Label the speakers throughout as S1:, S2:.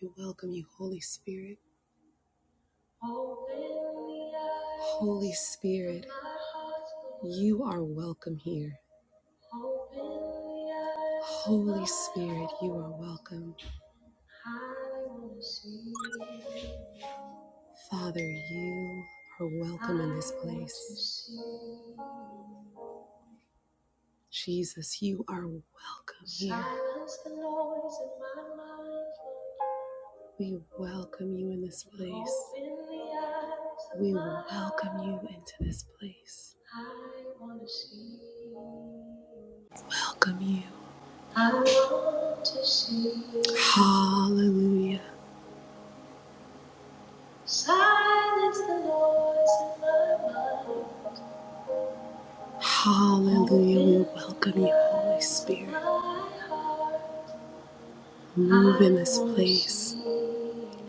S1: We welcome you, Holy Spirit. Holy Spirit, you are welcome here. Holy Spirit, you are welcome. Father, you are welcome in this place. Jesus, you are welcome here. We welcome you in this place. We welcome you into this place. Welcome you. I want to see you. Hallelujah. Silence the noise in my mind. Hallelujah. We welcome you, Holy Spirit. Move in this place.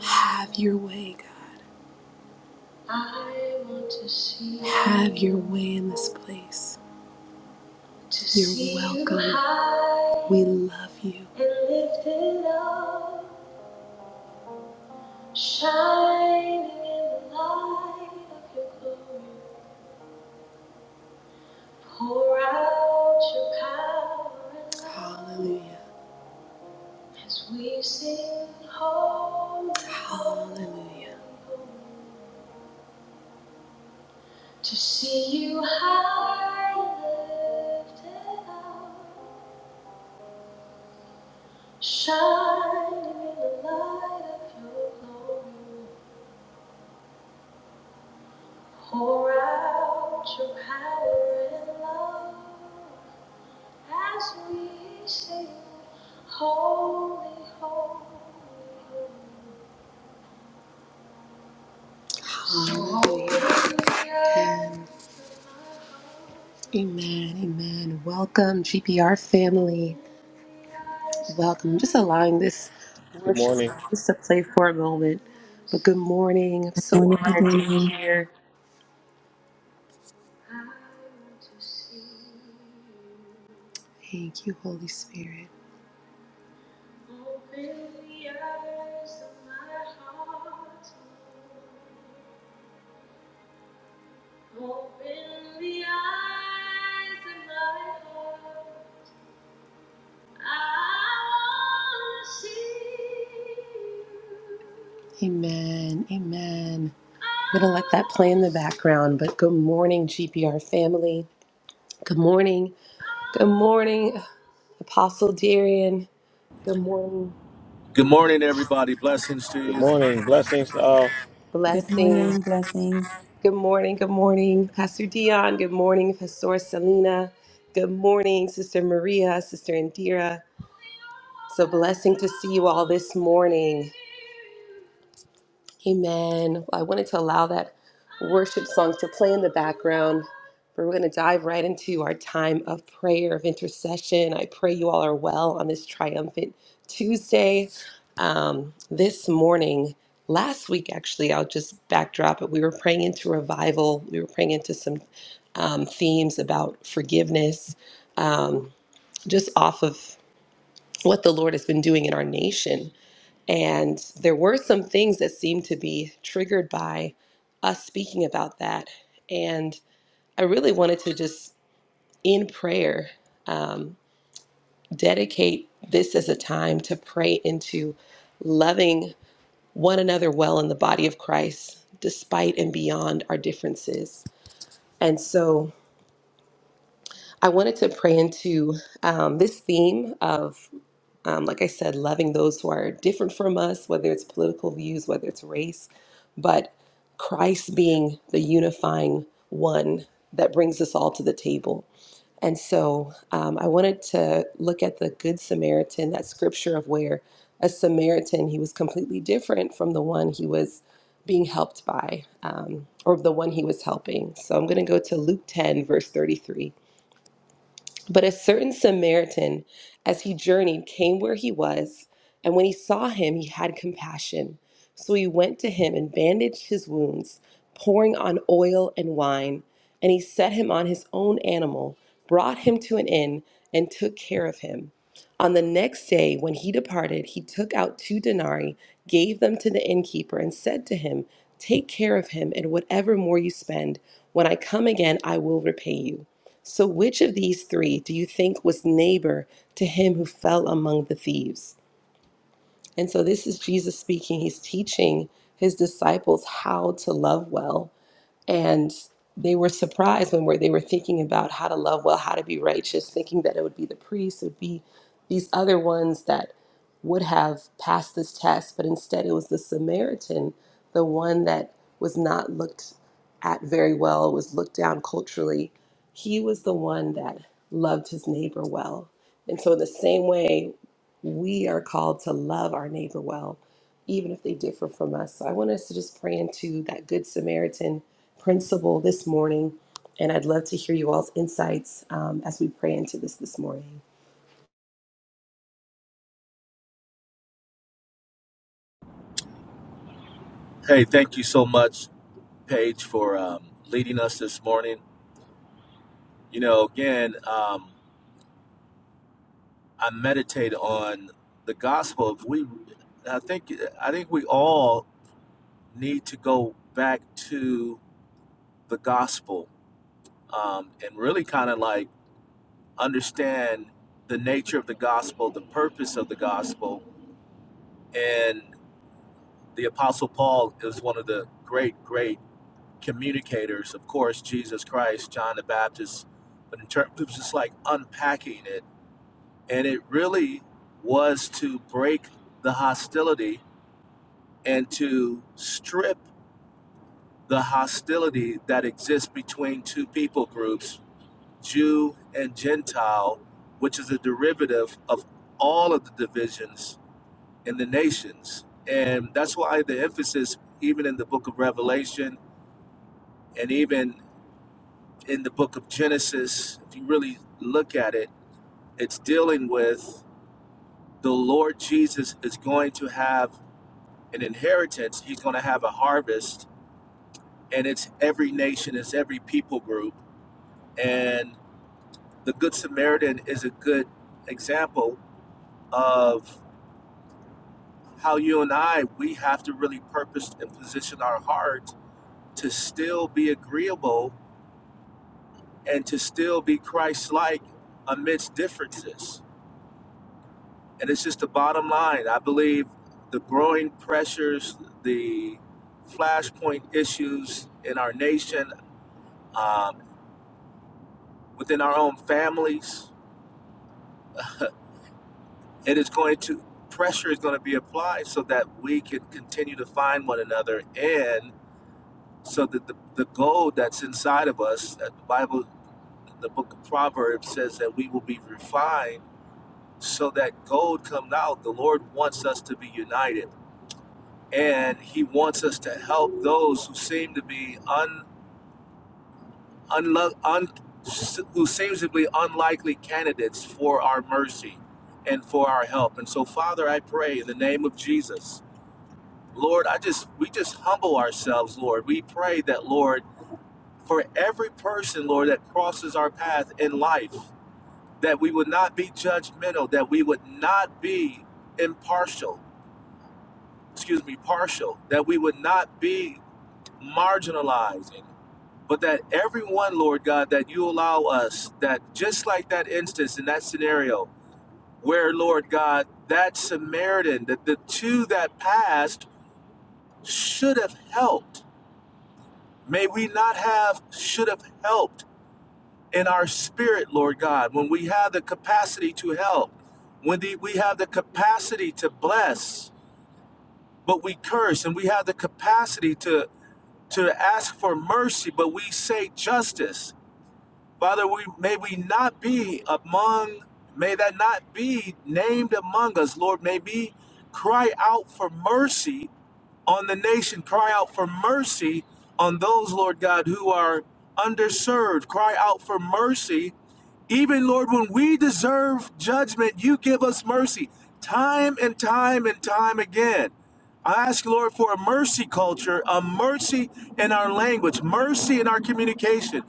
S1: Have your way, God. I want to see you. Have your way in this place. You're welcome. We love you. Shining in the light of your glory, pour out your power and love. Hallelujah. As we sing holy, hallelujah. To see you high and lifted up, shining in the light of your glory, pour out your power and love. as we sing, holy, holy, holy. Hallelujah. Amen, amen. Welcome, GPR family. Welcome. Just allowing this
S2: Good
S1: worship
S2: morning.
S1: just to play for a moment. But good morning. I'm so
S3: Morning, good
S1: honored to be
S3: morning.
S1: here. Thank you, Holy Spirit. Open the eyes of my heart. I want to see you. Amen. Amen. I'm going to let that play in the background, but good morning, GPR family. Good morning. Good morning, Apostle Darian. Good morning,
S4: Good morning, everybody. Blessings to
S2: Good
S4: you.
S2: morning. Blessings to all.
S3: Good
S1: Blessing.
S3: morning, blessings.
S1: Good morning. Good morning, Pastor Dion. Good morning, Pastor Selena. Good morning, Sister Maria, Sister Indira. It's a blessing to see you all this morning. Amen. I wanted to allow that worship song to play in the background. but We're going to dive right into our time of prayer, of intercession. I pray you all are well on this triumphant Tuesday. Um, this morning, last week, actually, I'll just backdrop it. We were praying into revival, we were praying into some um, themes about forgiveness, um, just off of what the Lord has been doing in our nation and there were some things that seemed to be triggered by us speaking about that. And I really wanted to just, in prayer, um, dedicate this as a time to pray into loving one another well in the body of Christ, despite and beyond our differences. And so I wanted to pray into um, this theme of. um, like I said, loving those who are different from us, whether it's political views, whether it's race, but Christ being the unifying one that brings us all to the table. And so um, I wanted to look at the Good Samaritan, that scripture of where a Samaritan, he was completely different from the one he was being helped by um, or the one he was helping. So I'm going to go to Luke 10, verse 33. But a certain Samaritan, as he journeyed, came where he was, and when he saw him, he had compassion. So he went to him and bandaged his wounds, pouring on oil and wine. And he set him on his own animal, brought him to an inn, and took care of him. On the next day, when he departed, he took out two denarii, gave them to the innkeeper, and said to him, Take care of him, and whatever more you spend, when I come again, I will repay you. So, which of these three do you think was neighbor to him who fell among the thieves? And so, this is Jesus speaking. He's teaching his disciples how to love well. And they were surprised when were- they were thinking about how to love well, how to be righteous, thinking that it would be the priests, it would be these other ones that would have passed this test, but instead it was the Samaritan, the one that was not looked at very well, was looked down culturally. He was the one that loved his neighbor well. And so, in the same way, we are called to love our neighbor well, even if they differ from us. So, I want us to just pray into that Good Samaritan principle this morning, and I'd love to hear you all's insights um, as we pray into this this morning.
S4: Hey, thank you so much, Paige, for um, leading us this morning. You know, again, um, I meditate on the gospel. If we, I think, I think we all need to go back to the gospel um, and really kind of like understand the nature of the gospel, the purpose of the gospel, and the Apostle Paul is one of the great, great communicators, of course, Jesus Christ, John the Baptist, but in terms of just like unpacking it, and it really was to break the hostility and to strip the hostility that exists between two people groups, Jew and Gentile, which is a derivative of all of the divisions in the nations. And that's why the emphasis, even in the book of Revelation, and even. in the book of Genesis, if you really look at it, it's dealing with the Lord Jesus is going to have an inheritance, he's going to have a harvest, and it's every nation, it's every people group. And the Good Samaritan is a good example of how you and I, we have to really purpose and position our heart to still be agreeable and to still be Christ like amidst differences and it's just the bottom line. I believe the growing pressures, the flashpoint issues in our nation, um, within our own families, it is going to pressure is going to be applied so that we can continue to find one another and so that the, the gold that's inside of us that the bible the book of proverbs says that we will be refined so that gold comes out the lord wants us to be united and he wants us to help those who seem to be un, unlo un who seems to be unlikely candidates for our mercy and for our help. And so, Father, I pray in the name of Jesus, Lord, I just we just humble ourselves, Lord. We pray that, Lord, for every person, Lord, that crosses our path in life, that we would not be judgmental, that we would not be impartial, excuse me, partial, that we would not be marginalizing. but that everyone, Lord God, that you allow us, that just like that instance in that scenario, where, Lord God, that Samaritan, that the two that passed should have helped. May we not have should have helped in our spirit, Lord God, when we have the capacity to help, when the, we have the capacity to bless, but we curse, and we have the capacity to to ask for mercy, but we say justice Father, we may we not be among, may that not be named among us, Lord. May we cry out for mercy on the nation, cry out for mercy on those, Lord God, who are underserved, cry out for mercy even, Lord, when we deserve judgment, you give us mercy time and time and time again. I ask, Lord, for a mercy culture, a mercy in our language, mercy in our communication,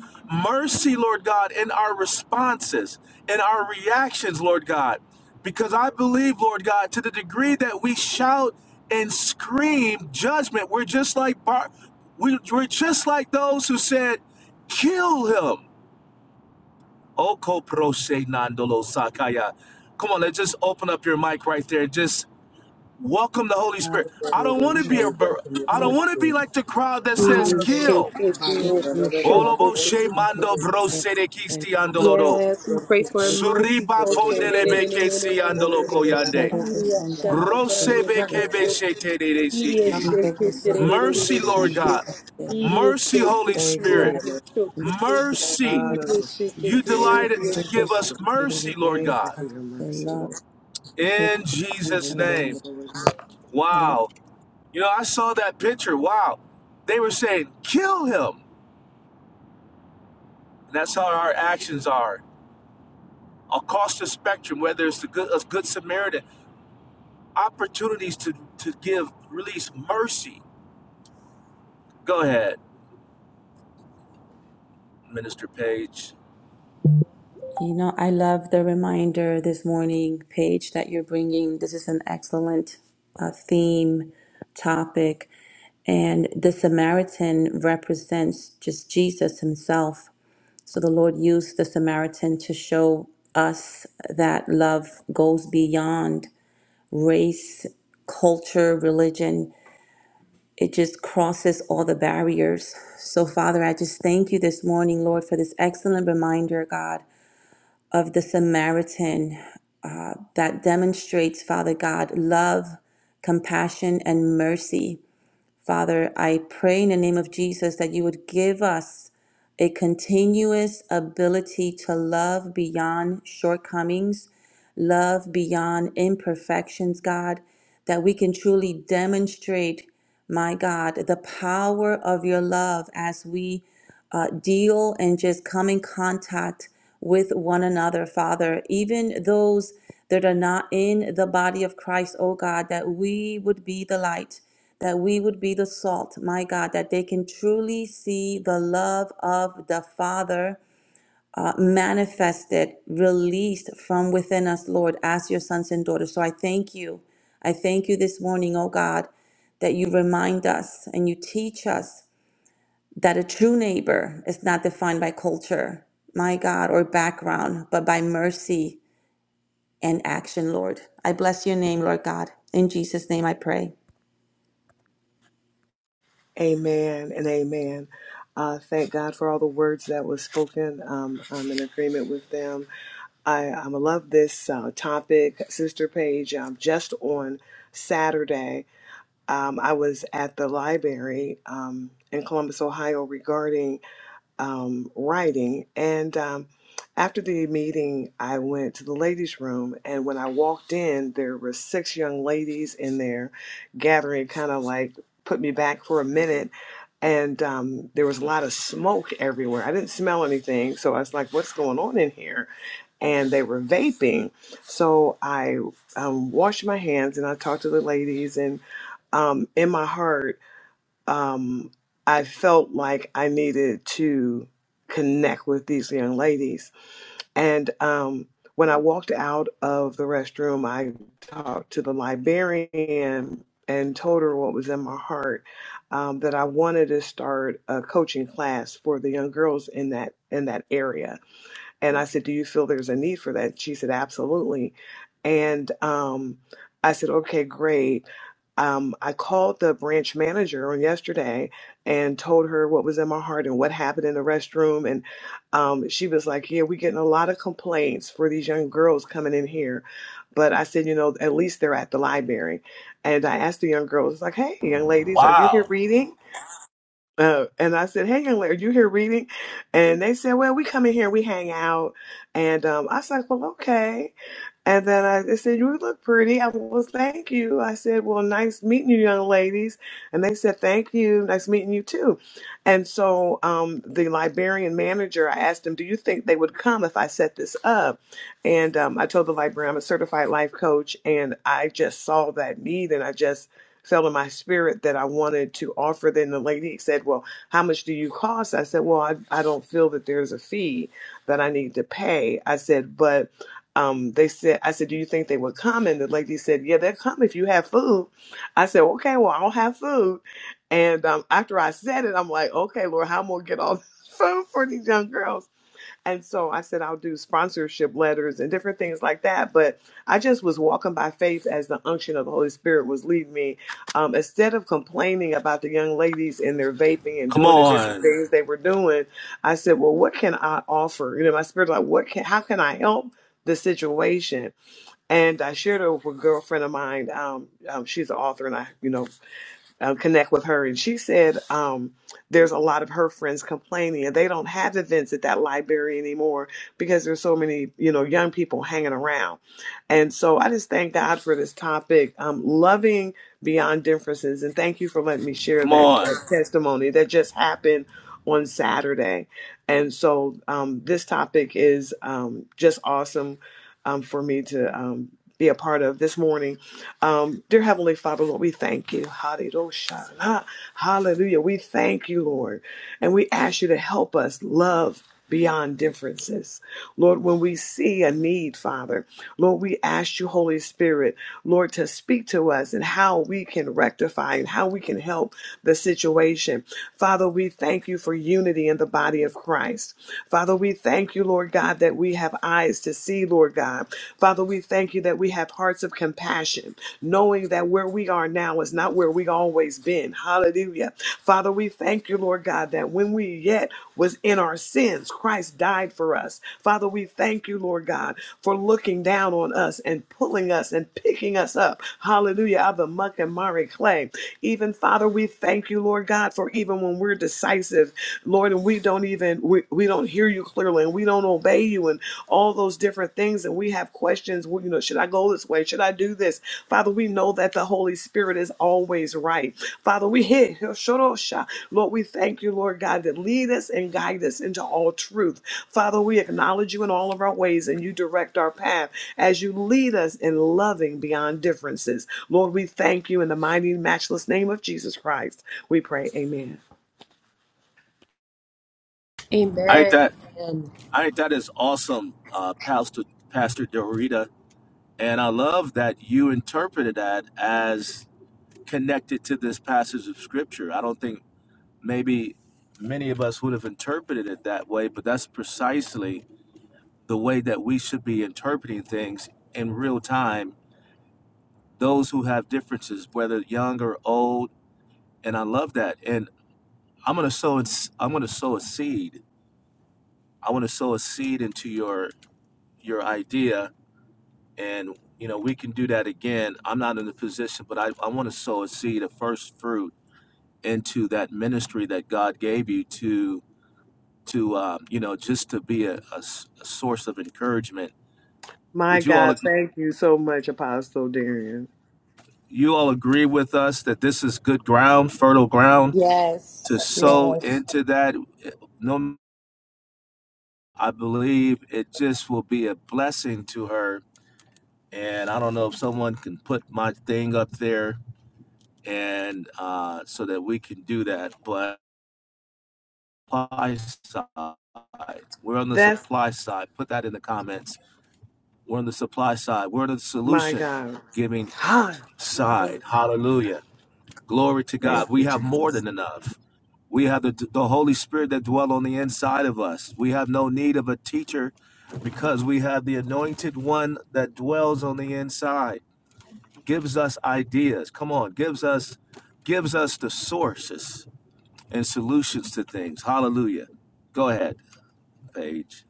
S4: mercy, Lord God, in our responses, in our reactions, Lord God. Because I believe, Lord God, to the degree that we shout and scream judgment, we're just like Bar- we, we're just like those who said, "Kill him." Okoproshe nandolo sakaya. Come on, let's just open up your mic right there. Just welcome the Holy Spirit. I don't
S5: Hallelujah.
S4: want to
S5: Shall
S4: be a
S5: we
S4: bur-
S5: welcome you,
S4: I
S5: Holy
S4: don't want to be
S5: Spirit?
S4: like the crowd that says
S1: Mm,
S5: Hallelujah.
S1: shake
S4: kill.
S1: it,
S5: Shabbat.
S3: Yes,
S1: you, you shook
S5: Hallelujah.
S1: it.
S4: Oloboshe mando brose de kisti
S5: Abba,
S4: andolodo.
S1: Yes, we pray for a mercy
S4: Suriba
S1: culture. Re-
S4: pondele
S1: re- re- re- re-
S4: beke
S1: re-
S4: si
S1: re- re- re-
S4: andolo
S1: re.
S4: koyande.
S1: Iria shaka tara,
S4: Rose
S1: you
S4: beke
S1: shook
S4: beshe
S1: it.
S4: te de de
S1: Iria
S4: siki.
S5: Hallelujah.
S1: shake it, re- re-
S3: love.
S1: re- re- re-
S4: Mercy,
S1: re- re-
S4: Lord
S1: re.
S4: God.
S1: Iria
S4: Mercy,
S1: shake it,
S4: Holy
S5: Thank you
S1: you,
S5: for
S4: Spirit.
S5: your
S1: you
S5: mercy.
S1: shook it.
S4: Mercy.
S1: Iria
S5: Hallelujah.
S1: shake it,
S4: You
S1: you,
S4: delighted
S1: you
S4: to
S1: shook
S4: give
S1: it.
S4: us mercy, Lord
S5: Thank you
S4: God.
S5: for your mercy, Lord.
S4: In
S5: In
S4: Jesus'
S5: the name
S4: name.
S5: of the Lord.
S4: Wow. You know, I saw that picture. Wow. They were saying, kill him. And that's how our actions are across the spectrum, whether it's the good, a good Samaritan, opportunities to, to give, release mercy. Go ahead, Minister Page.
S3: You know, I love the reminder this morning, Paige, that you're bringing. This is an excellent uh, theme topic. And the Samaritan represents just Jesus himself. So the Lord used the Samaritan to show us that love goes beyond race, culture, religion. It just crosses all the barriers. So, Father, I just thank you this morning, Lord, for this excellent reminder, God of the Samaritan uh, that demonstrates, Father God, love, compassion, and mercy. Father, I pray in the name of Jesus that you would give us a continuous ability to love beyond shortcomings, love beyond imperfections, God, that we can truly demonstrate, my God, the power of your love as we uh, deal and just come in contact with one another, Father. Even those that are not in the body of Christ, oh God, that we would be the light, that we would be the salt, my God, that they can truly see the love of the Father. Uh, manifested, released from within us, Lord, as your sons and daughters. So I thank you. I thank you this morning, oh God, that you remind us and you teach us that a true neighbor is not defined by culture, my God, or background, but by mercy and action, Lord. I bless your name, Lord God. In Jesus' name I pray.
S5: Amen and amen. Uh, thank God for all the words that was spoken. Um, I'm in agreement with them. I, I love this uh, topic, Sister Paige. Um, just on Saturday, um, I was at the library um, in Columbus, Ohio, regarding um, writing. And um, after the meeting, I went to the ladies' room. And when I walked in, there were six young ladies in there gathering, kind of like put me back for a minute. And um, there was a lot of smoke everywhere. I didn't smell anything. So I was like, what's going on in here? And they were vaping. So I um, washed my hands and I talked to the ladies. And um, in my heart, um, I felt like I needed to connect with these young ladies. And um, when I walked out of the restroom, I talked to the librarian and told her what was in my heart um, that I wanted to start a coaching class for the young girls in that in that area and I said, Do you feel there's a need for that? She said, Absolutely. And um, I said, Okay, great. Um, I called the branch manager on yesterday and told her what was in my heart and what happened in the restroom. And um, she was like, Yeah, we're getting a lot of complaints for these young girls coming in here. But I said, You know, at least they're at the library. And I asked the young girls, like, Hey, young ladies, are you here
S4: Wow.
S5: reading? Uh, and I said, "Hey, young lady, are you here reading?" And they said, "Well, we come in here, we hang out." And um, I was like, "Well, okay." And then I said, You look pretty. I was, Thank you. I said, Well, nice meeting you, young ladies. And they said, Thank you. Nice meeting you, too. And so um, the librarian manager, I asked him, Do you think they would come if I set this up? And um, I told the librarian, I'm a certified life coach. And I just saw that need and I just felt in my spirit that I wanted to offer. Then the lady said, Well, how much do you cost? I said, Well, I, I don't feel that there's a fee that I need to pay. I said, But um, they said, I said, do you think they would come? And the lady said, yeah, they'll come if you have food. I said, okay, well, I'll have food. And um, after I said it, I'm like, okay, Lord, how am I going to get all this food for these young girls? And so I said, I'll do sponsorship letters and different things like that. But I just was walking by faith as the unction of the Holy Spirit was leading me. Um, instead of complaining about the young ladies and their vaping and
S4: Come
S5: doing the different
S4: on.
S5: things they were doing, I said, well, what can I offer? You know, my spirit, like, what can, how can I help the situation? And I shared it with a girlfriend of mine. Um, um, she's an author and I, you know, uh, connect with her, and she said um, there's a lot of her friends complaining and they don't have events at that library anymore because there's so many you know young people hanging around. And so I just thank God for this topic, um, loving beyond differences, and thank you for letting me share
S4: Come
S5: that,
S4: on.
S5: that testimony that just happened on Saturday. And so um, this topic is um, just awesome um, for me to um, be a part of this morning. Um, dear Heavenly Father, Lord, we thank you. Hallelujah. Hallelujah. We thank you, Lord. And we ask you to help us love beyond differences. Lord, when we see a need, Father, Lord, we ask you, Holy Spirit, Lord, to speak to us and how we can rectify and how we can help the situation. Father, we thank you for unity in the body of Christ. Father, we thank you, Lord Lord God, that we have eyes to see, Lord God. Father, we thank you that we have hearts of compassion, knowing that where we are now is not where we always been. Hallelujah. Father, we thank you, Lord God, that when we yet was in our sins, Christ died for us. Father, we thank you, Lord God, for looking down on us and pulling us and picking us up. Hallelujah. Out of the muck and miry clay. Even Father, we thank you, Lord God, for even when we're decisive, Lord, and we don't don't even we, we don't hear you clearly and we don't obey you and all those different things and we have questions well, you know should i go this way should i do this father we know that the holy spirit is always right father we hit lord we thank you lord god that lead us and guide us into all truth father we acknowledge you in all of our ways and you direct our path as you lead us in loving beyond differences lord we thank you in the mighty and matchless name of jesus christ we pray amen
S4: I ain't
S1: Amen.
S4: that,
S1: Amen.
S4: I think that is awesome, uh, Pastor, Pastor Dorita. And I love that you interpreted that as connected to this passage of scripture. I don't think maybe many of us would have interpreted it that way, but that's precisely the way that we should be interpreting things in real time. Those who have differences, whether young or old, and I love that. And I'm gonna sow. i s- I'm gonna sow a seed. I want to sow a seed into your your idea, and you know we can do that again. I'm not in the position, but I, I want to sow a seed, a first fruit into that ministry that God gave you to to um, you know just to be a, a s- a source of encouragement.
S5: My
S4: Would you all
S5: God,
S4: ag-
S5: thank you
S4: would
S5: so much, Apostle Darian.
S4: you all agree with us that this is good ground, fertile ground to
S1: Yes.
S4: sow into that? No, I believe it just will be a blessing to her. And I don't know if someone can put my thing up there and uh, so that we can do that. But supply side, we're on the
S5: That's
S4: supply side. Put that in the comments. We're on the supply side. We're the
S5: my
S4: solution
S5: God.
S4: giving
S5: Hi.
S4: side. Hallelujah. Glory to
S5: Thank
S4: God.
S5: you,
S4: We have
S5: Jesus.
S4: more than enough. We have the, the Holy Spirit that dwells on the inside of us. We have no need of a teacher because we have the anointed one that dwells on the inside. Gives us ideas. Come on, gives us gives us the sources and solutions to things. Hallelujah. Go ahead, Paige.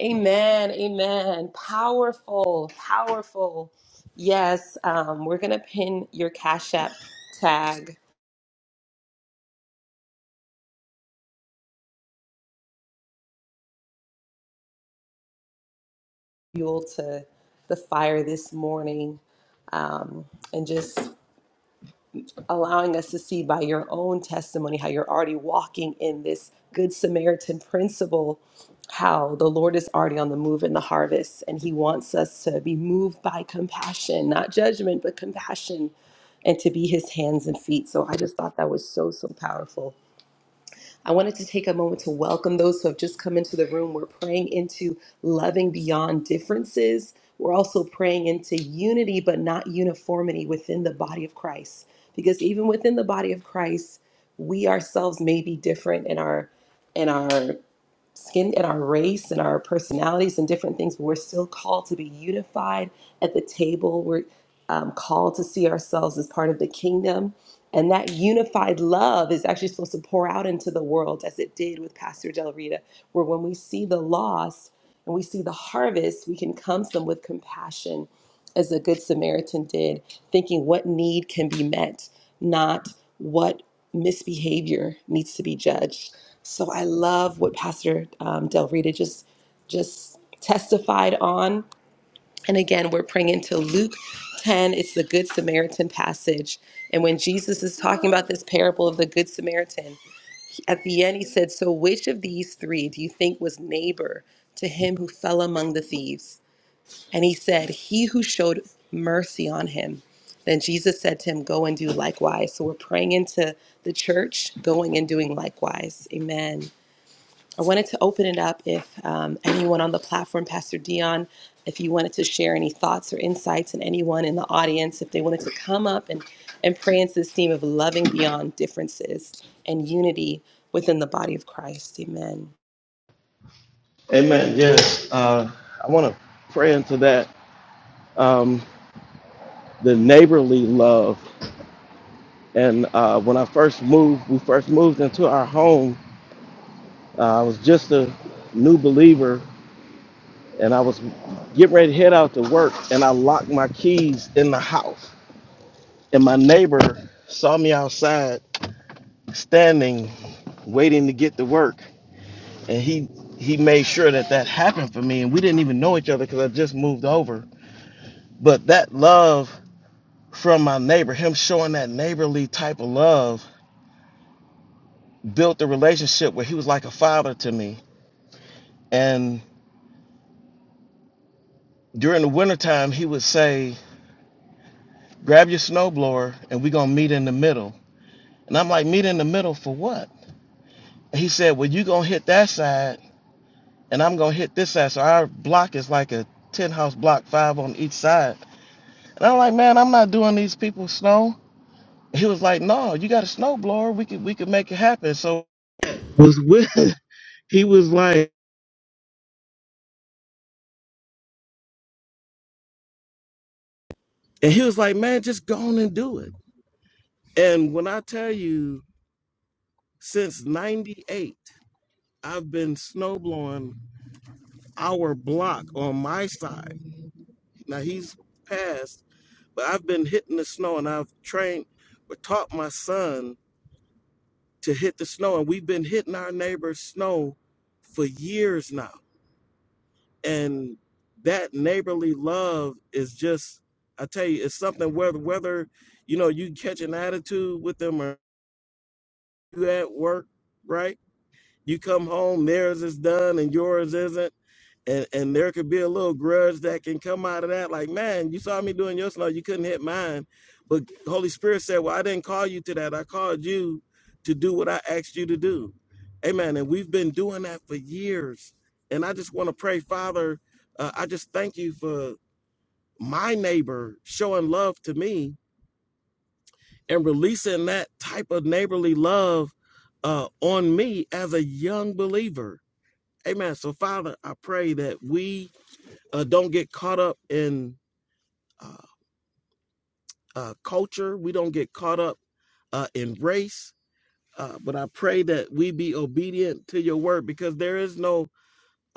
S1: Amen. Amen. Powerful. Powerful. Yes. Um, we're going to pin your Cash App tag fuel to the fire this morning. Um, and just allowing us to see by your own testimony how you're already walking in this Good Samaritan principle, how the Lord is already on the move in the harvest, and He wants us to be moved by compassion, not judgment, but compassion, and to be His hands and feet. So I just thought that was so, so powerful. I wanted to take a moment to welcome those who have just come into the room. We're praying into loving beyond differences. We're also praying into unity, but not uniformity within the body of Christ. Because even within the body of Christ, we ourselves may be different in our in our skin, in our race, in our personalities, and different things, but we're still called to be unified at the table. We're um, called to see ourselves as part of the kingdom. And that unified love is actually supposed to pour out into the world as it did with Pastor Del Rita, where when we see the loss and we see the harvest, we can come to them with compassion, as the Good Samaritan did, thinking what need can be met, not what misbehavior needs to be judged. So I love what Pastor um, Del Rita just just testified on and again, we're praying into Luke 10. It's the Good Samaritan passage. And when Jesus is talking about this parable of the Good Samaritan, at the end he said, So which of these three do you think was neighbor to him who fell among the thieves? And he said, He who showed mercy on him. Then Jesus said to him, Go and do likewise. So we're praying into the church, going and doing likewise. Amen. I wanted to open it up if um, anyone on the platform, Pastor Dion, if you wanted to share any thoughts or insights, and anyone in the audience, if they wanted to come up and, and pray into this theme of loving beyond differences and unity within the body of Christ. Amen.
S2: Amen. Yes. Uh, I want to pray into that. Um, the neighborly love. And uh, when I first moved, we first moved into our home, uh, I was just a new believer and I was getting ready to head out to work and I locked my keys in the house. And my neighbor saw me outside standing, waiting to get to work. And he, he made sure that that happened for me. And we didn't even know each other because I just moved over But that love from my neighbor, him showing that neighborly type of love, built a relationship where he was like a father to me. And during the wintertime, he would say, Grab your snowblower and we're going to meet in the middle. And I'm like, Meet in the middle for what? And he said, Well, you going to hit that side and I'm going to hit this side. So our block is like a 10 house block, five on each side. And I'm like, Man, I'm not doing these people snow. He was like, No, you got a snowblower. We could, we could make it happen. So I was with He was like, And he was like, man, just go on and do it. And when I tell you, since 98, I've been snowblowing our block on my side. Now he's passed, but I've been hitting the snow and I've trained or taught my son to hit the snow. And we've been hitting our neighbor's snow for years now. And that neighborly love is just, I tell you, it's something whether, whether, you know, you catch an attitude with them or you at work, right? You come home, theirs is done and yours isn't. And and there could be a little grudge that can come out of that. Like, man, you saw me doing your slow, you couldn't hit mine. But Holy Spirit said, Well, I didn't call you to that. I called you to do what I asked you to do. Amen. And we've been doing that for years. And I just want to pray, Father, uh, I just thank you for my neighbor showing love to me and releasing that type of neighborly love uh, on me as a young believer. Amen. So, Father, I pray that we uh, don't get caught up in uh, uh, culture, we don't get caught up uh, in race. Uh, but I pray that we be obedient to your word because there is no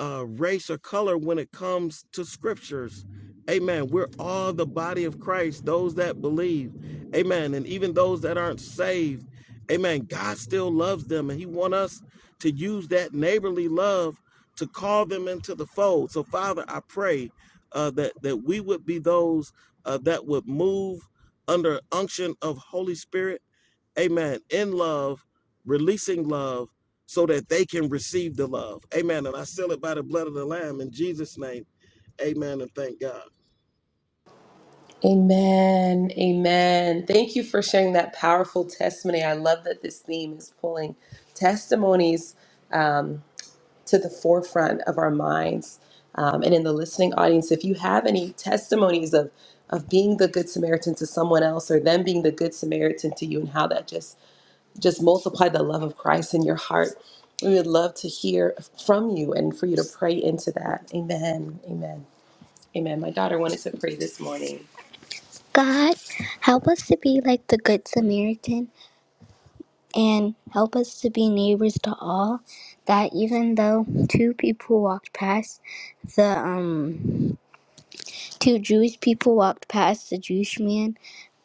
S2: uh, race or color when it comes to scriptures. Amen. We're all the body of Christ, those that believe. Amen. And even those that aren't saved. Amen. God still loves them and He wants us to use that neighborly love to call them into the fold. So, Father, I pray uh, that, that we would be those uh, that would move under unction of Holy Spirit amen, in love, releasing love so that they can receive the love. Amen. And I seal it by the blood of the Lamb in Jesus' name. Amen. And thank God.
S1: Amen. Amen. Thank you for sharing that powerful testimony. I love that this theme is pulling testimonies. to the forefront of our minds. Um, and in the listening audience, if you have any testimonies of of being the good Samaritan to someone else, or them being the good Samaritan to you, and how that just just multiplied the love of Christ in your heart, we would love to hear from you and for you to pray into that. Amen. Amen. Amen. My daughter wanted to pray this morning. God, help us to be like the Good Samaritan and help us to be neighbors to all that even though two people walked past the um two jewish people walked past the jewish man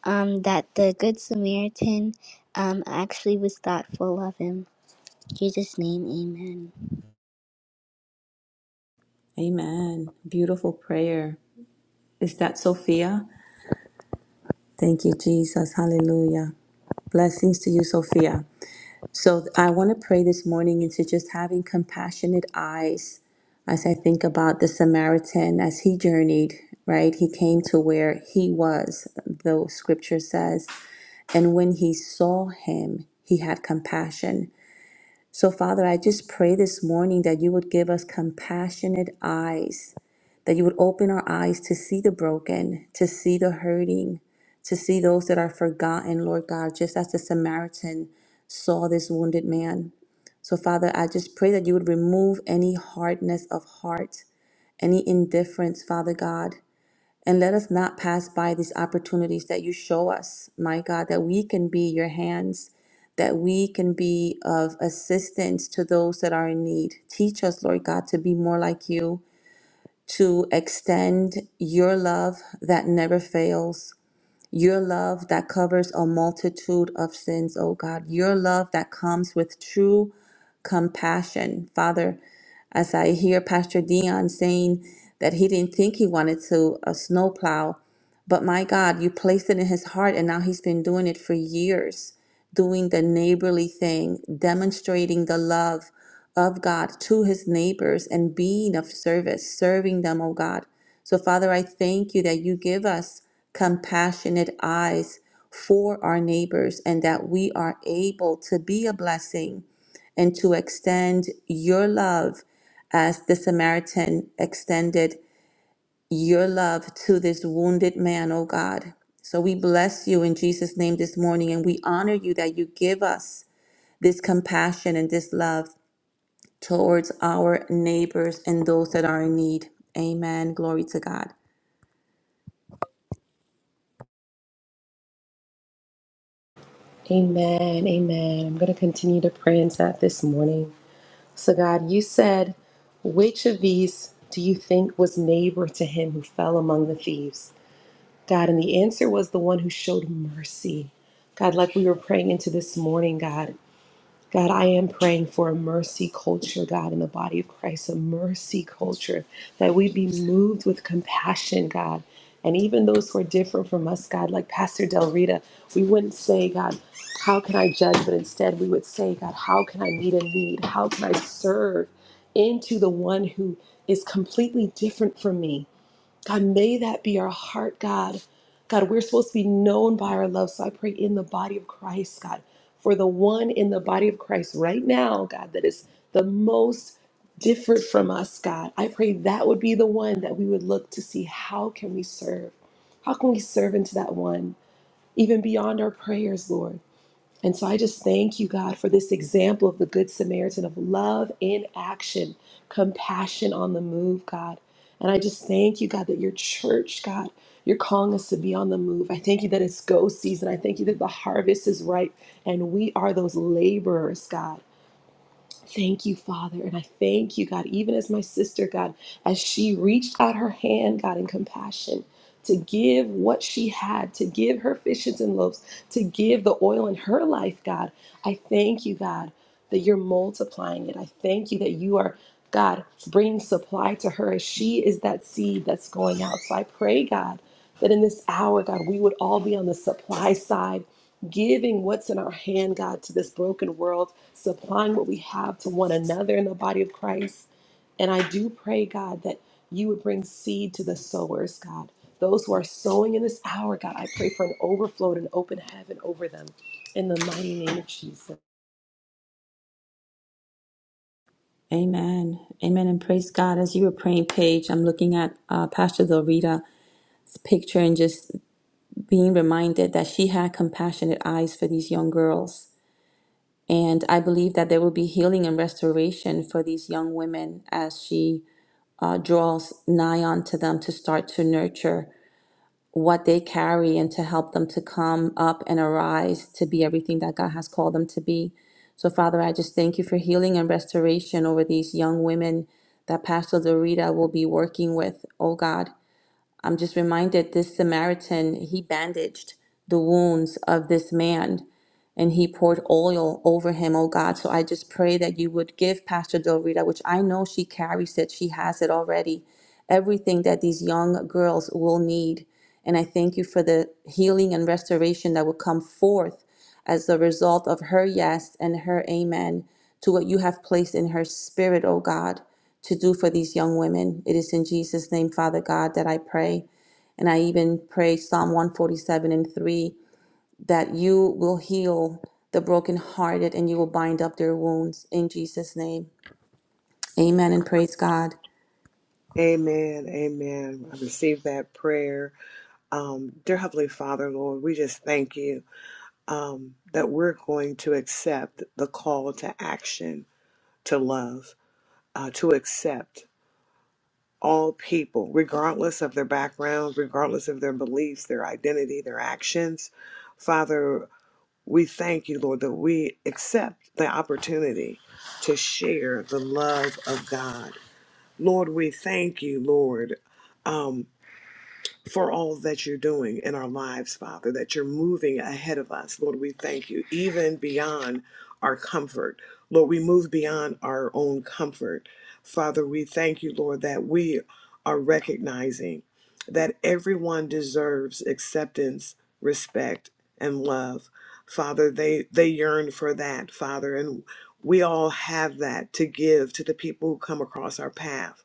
S1: um that the good samaritan um actually was thoughtful of him In jesus name amen
S3: Amen. Beautiful prayer. Is that Sophia? Thank you, Jesus. Hallelujah. Blessings to you, Sophia. So I want to pray this morning into just having compassionate eyes as I think about the Samaritan as he journeyed, right? He came to where he was, the scripture says. And when he saw him, he had compassion. So, Father, I just pray this morning that you would give us compassionate eyes, that you would open our eyes to see the broken, to see the hurting, to see those that are forgotten, Lord God, just as the Samaritan saw this wounded man. So, Father, I just pray that you would remove any hardness of heart, any indifference, Father God, and let us not pass by these opportunities that you show us, my God, that we can be your hands, that we can be of assistance to those that are in need. Teach us, Lord God, to be more like you, to extend your love that never fails, your love that covers a multitude of sins, oh God. Your love that comes with true compassion. Father, as I hear Pastor Dion saying that he didn't think he wanted to a snowplow, but my God, you placed it in his heart and now he's been doing it for years doing the neighborly thing, demonstrating the love of God to his neighbors and being of service, serving them, oh God. So, Father, I thank you that you give us compassionate eyes for our neighbors and that we are able to be a blessing and to extend your love as the Samaritan extended your love to this wounded man, oh God. So we bless you in Jesus' name this morning and we honor you that you give us this compassion and this love towards our neighbors and those that are in need. Amen. Glory to God.
S1: Amen. Amen. I'm going to continue to pray into that this morning. So, God, you said, which of these do you think was neighbor to him who fell among the thieves? God, and the answer was the one who showed mercy. God, like we were praying into this morning, God. God, I am praying for a mercy culture, God, in the body of Christ, a mercy culture, that we be moved with compassion, God. And even those who are different from us, God, like Pastor Del Rita, we wouldn't say, God, how can I judge? But instead, we would say, God, how can I meet a need? How can I serve into the one who is completely different from me? God, may that be our heart, God. God, we're supposed to be known by our love. So I pray in the body of Christ, God, for the one in the body of Christ right now, God, that is the most different from us, God. I pray that would be the one that we would look to see how can we serve? How can we serve into that one, even beyond our prayers, Lord? And so I just thank you, God, for this example of the Good Samaritan of love in action, compassion on the move, God. And I just thank you, God, that your church, God, you're calling us to be on the move. I thank you that it's go season. I thank you that the harvest is ripe and we are those laborers, God. Thank you, Father. And I thank you, God, even as my sister, God, as she reached out her hand, God, in compassion to give what she had, to give her fishes and loaves, to give the oil in her life, God. I thank you, God, that you're multiplying it. I thank you that you are God, bring supply to her as she is that seed that's going out. So I pray, God, that in this hour, God, we would all be on the supply side, giving what's in our hand, God, to this broken world, supplying what we have to one another in the body of Christ. And I do pray, God, that you would bring seed to the sowers, God. Those who are sowing in this hour, God, I pray for an overflow and an open heaven over them. In the mighty name of Jesus.
S3: Amen. Amen. And praise God. As you were praying, Paige, I'm looking at uh, Pastor Del Rita's picture and just being reminded that she had compassionate eyes for these young girls. And I believe that there will be healing and restoration for these young women as she uh, draws nigh unto them to start to nurture what they carry and to help them to come up and arise to be everything that God has called them to be. So, Father, I just thank you for healing and restoration over these young women that Pastor Dorita will be working with. Oh God, I'm just reminded this Samaritan, he bandaged the wounds of this man and he poured oil over him, oh God. So I just pray that you would give Pastor Del Rita, which I know she carries it, she has it already, everything that these young girls will need. And I thank you for the healing and restoration that will come forth as the result of her yes and her amen to what you have placed in her spirit, oh God, to do for these young women. It is in Jesus' name, Father God, that I pray. And I even pray Psalm 147 and 3 that you will heal the brokenhearted and you will bind up their wounds in Jesus' name. Amen and praise God.
S5: Amen. Amen. I receive that prayer. Um, dear Heavenly Father, Lord, we just thank you um, that we're going to accept the call to action, to love, uh, to accept all people, regardless of their background, regardless of their beliefs, their identity, their actions. Father, We thank you, Lord, that we accept the opportunity to share the love of God. Lord, we thank you, Lord. Um, for all that you're doing in our lives, Father, that you're moving ahead of us. Lord, we thank you, even beyond our comfort. Lord, we move beyond our own comfort. Father, we thank you, Lord, that we are recognizing that everyone deserves acceptance, respect, and love. Father, they, they yearn for that, Father, and we all have that to give to the people who come across our path.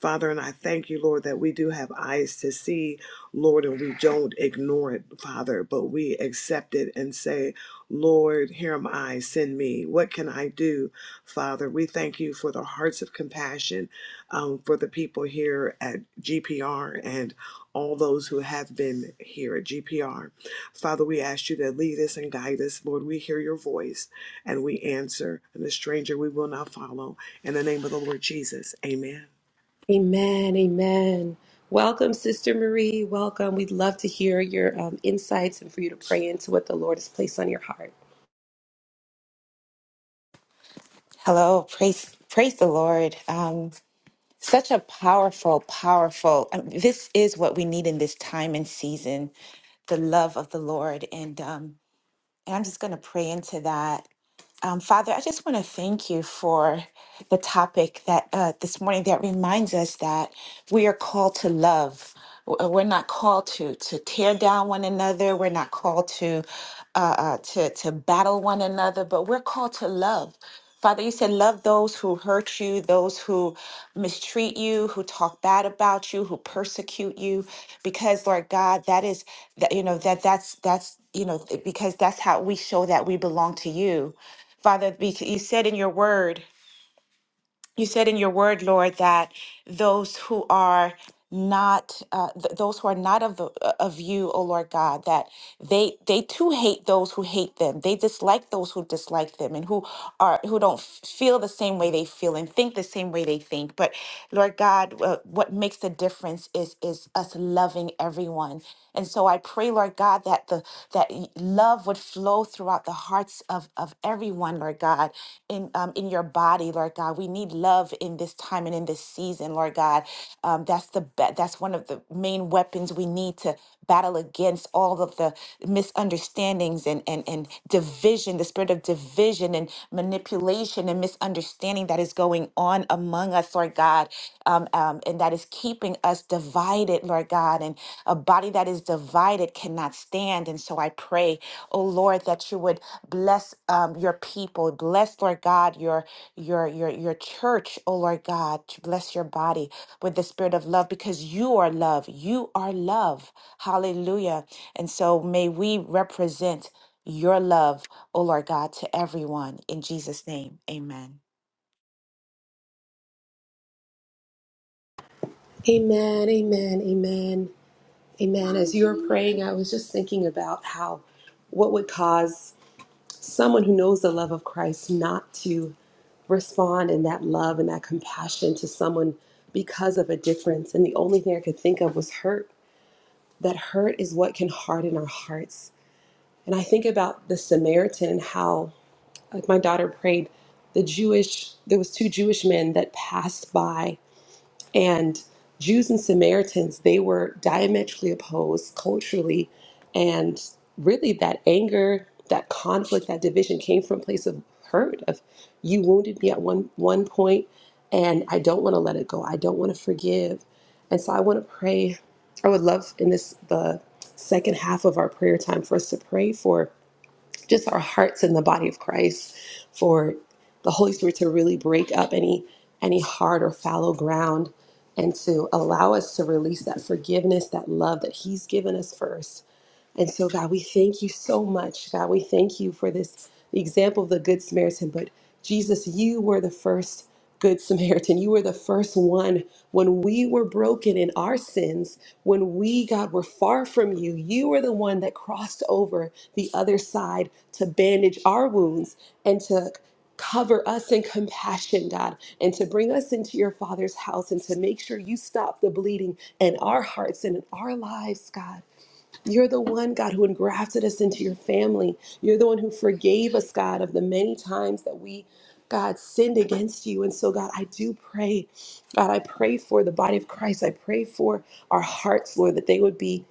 S5: Father, and I thank you, Lord, that we do have eyes to see Lord, and we don't ignore it, Father, but we accept it and say, Lord, here am I, send me. What can I do, Father? We thank you for the hearts of compassion um, for the people here at GPR and all those who have been here at GPR. Father, we ask you to lead us and guide us. Lord, we hear your voice and we answer, and the stranger we will not follow. In the name of the Lord Jesus, amen.
S1: Amen. Amen. Welcome, Sister Marie. Welcome. We'd love to hear your um, insights and for you to pray into what the Lord has placed on your heart.
S6: Hello, praise praise the Lord. Um, such a powerful, powerful. um, this is what we need in this time and season: the love of the Lord. And um, and I'm just going to pray into that. Um, Father, I just want to thank you for the topic that uh, this morning that reminds us that we are called to love. W- uh, We're not called to to tear down one another. We're not called to uh, uh, to to battle one another, but we're called to love. Father, you said love those who hurt you, those who mistreat you, who talk bad about you, who persecute you, because Lord God, that is that you know that that's that's you know th- because that's how we show that we belong to you. Father, bec- you said in your word, you said in your word, Lord, that those who are not uh, th- those who are not of the, uh, of you, O Lord God, that they they too hate those who hate them. They dislike those who dislike them, and who are who don't f- feel the same way they feel and think the same way they think. But Lord God, uh, what makes the difference is is us loving everyone. And so I pray, Lord God, that the that y- love would flow flow throughout the hearts of, of everyone, Lord God, in, um, in your body, Lord God. We need love in this time and in this season, Lord God. Um, that's the be- that's one of the main weapons we need to battle against all of the misunderstandings and, and, and division, the spirit of division and manipulation and misunderstanding that is going on among us, Lord God, um, um, and that is keeping us divided divided, Lord God, and a body that is divided cannot stand. And so I pray, oh Lord, that you would bless um, your people, bless, Lord God, your your your your church, oh Lord God, to bless your body with the spirit of love because you are love. You are love. Hallelujah. And so may we represent your love, oh Lord God, to everyone. In Jesus' name, amen.
S1: Amen. Amen. Amen. Amen. As you were praying, I was just thinking about how what would cause someone who knows the love of Christ not to respond in that love and that compassion to someone because of a difference. And the only thing I could think of was hurt. That hurt is what can harden our hearts. And I think about the Samaritan and how like my daughter prayed the jewish there was two jewish men that passed by and jews and samaritans they were diametrically opposed culturally and really that anger that conflict that division came from a place of hurt of you wounded me at one one point and i don't want to let it go i don't want to forgive and so i want to pray i would love in this the second half of our prayer time for us to pray for just our hearts in the body of Christ for the Holy Spirit to really break up any any hard or fallow ground and to allow us to release that forgiveness, that love that He's given us first and so, God, we thank you so much. God, we thank you for this the example of the Good Samaritan. But Jesus, you were the first Good Samaritan. You were the first one when we were broken in our sins, when we, God, were far from you. You were the one that crossed over the other side to bandage our wounds and to cover us in compassion, God, and to bring us into your Father's house and to make sure you stop the bleeding in our hearts and in our lives, God. You're the one, God, who engrafted us into your family. You're the one who forgave us, God, of the many times that we, God, sinned against you. And so, God, I do pray, God, I pray for the body of Christ. I pray for our hearts, Lord, that they would be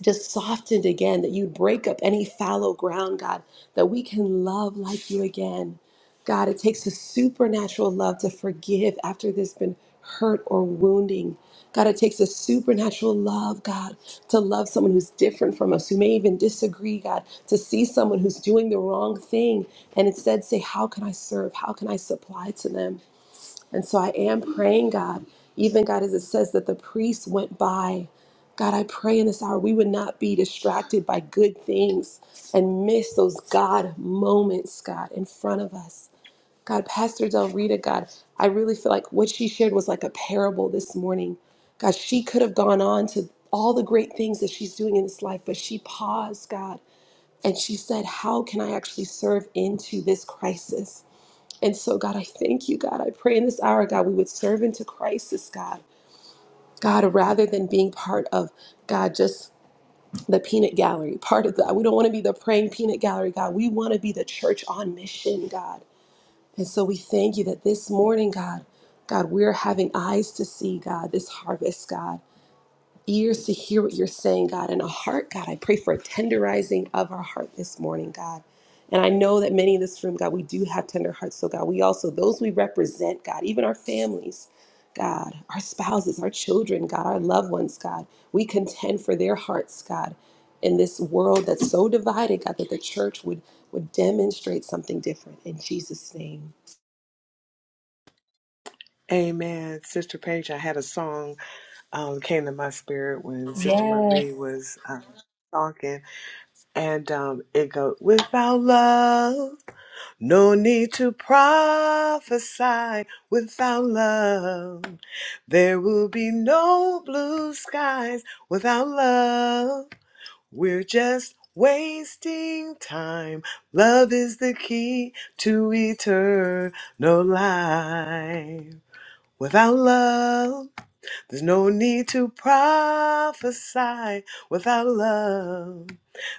S1: just softened again, that you'd break up any fallow ground, God, that we can love like you again. God, it takes a supernatural love to forgive after there's been hurt or wounding. God, it takes a supernatural love, God, to love someone who's different from us, who may even disagree, God, to see someone who's doing the wrong thing and instead say, How can I serve? How can I supply to them? And so I am praying, God, even God, as it says that the priest went by. God, I pray in this hour we would not be distracted by good things and miss those God moments, God, in front of us. God, Pastor Del Rita, God, I really feel like what she shared was like a parable this morning. God, she could have gone on to all the great things that she's doing in this life, but she paused, God, and she said, How can I actually serve into this crisis? And so, God, I thank you, God. I pray in this hour, God, we would serve into crisis, God. God, rather than being part of, God, just the peanut gallery, part of that. We don't want to be the praying peanut gallery, God. We want to be the church on mission, God. And so we thank you that this morning, God, God, we're having eyes to see, God, this harvest, God ears to hear what you're saying, God, and a heart, God. I pray for a tenderizing of our heart this morning, God. And I know that many in this room, God, we do have tender hearts. So, God, we also, those we represent, God, even our families, God, our spouses, our children, God, our loved ones, God, we contend for their hearts, God, in this world that's so divided, God, that the church would, would demonstrate something different. In Jesus' name.
S5: Amen. Sister Paige, I had a song um, came to my spirit when Sister
S1: Yes.
S5: Marie was um, talking, and um, it goes, "Without love, no need to prophesy. Without love, there will be no blue skies. Without love, we're just." Wasting time. Love is the key to eternal life. Without love, there's no need to prophesy without love.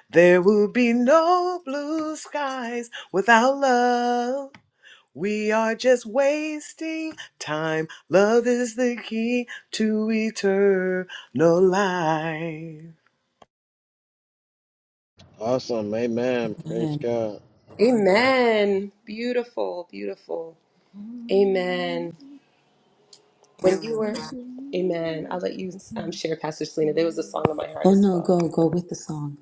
S5: There will be no blue skies without love. We are just wasting time. Love is the key to eternal life.
S2: Awesome. Amen. Praise
S3: Amen.
S2: God.
S1: Amen. Beautiful, beautiful. Amen. When you were, Amen. I'll let you um, share, Pastor Selena. There was a song in my heart
S3: Oh
S1: as
S3: no,
S1: well.
S3: go, go with the song.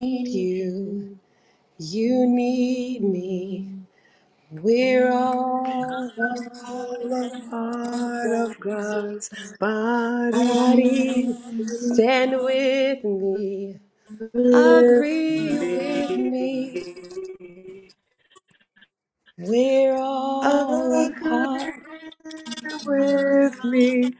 S1: Need You, you need me. We're all
S5: All a part of God's body
S1: body. Stand with me.
S5: with
S1: Agree with
S5: me.
S1: me. We're all a
S5: Agree
S1: part.
S5: with me.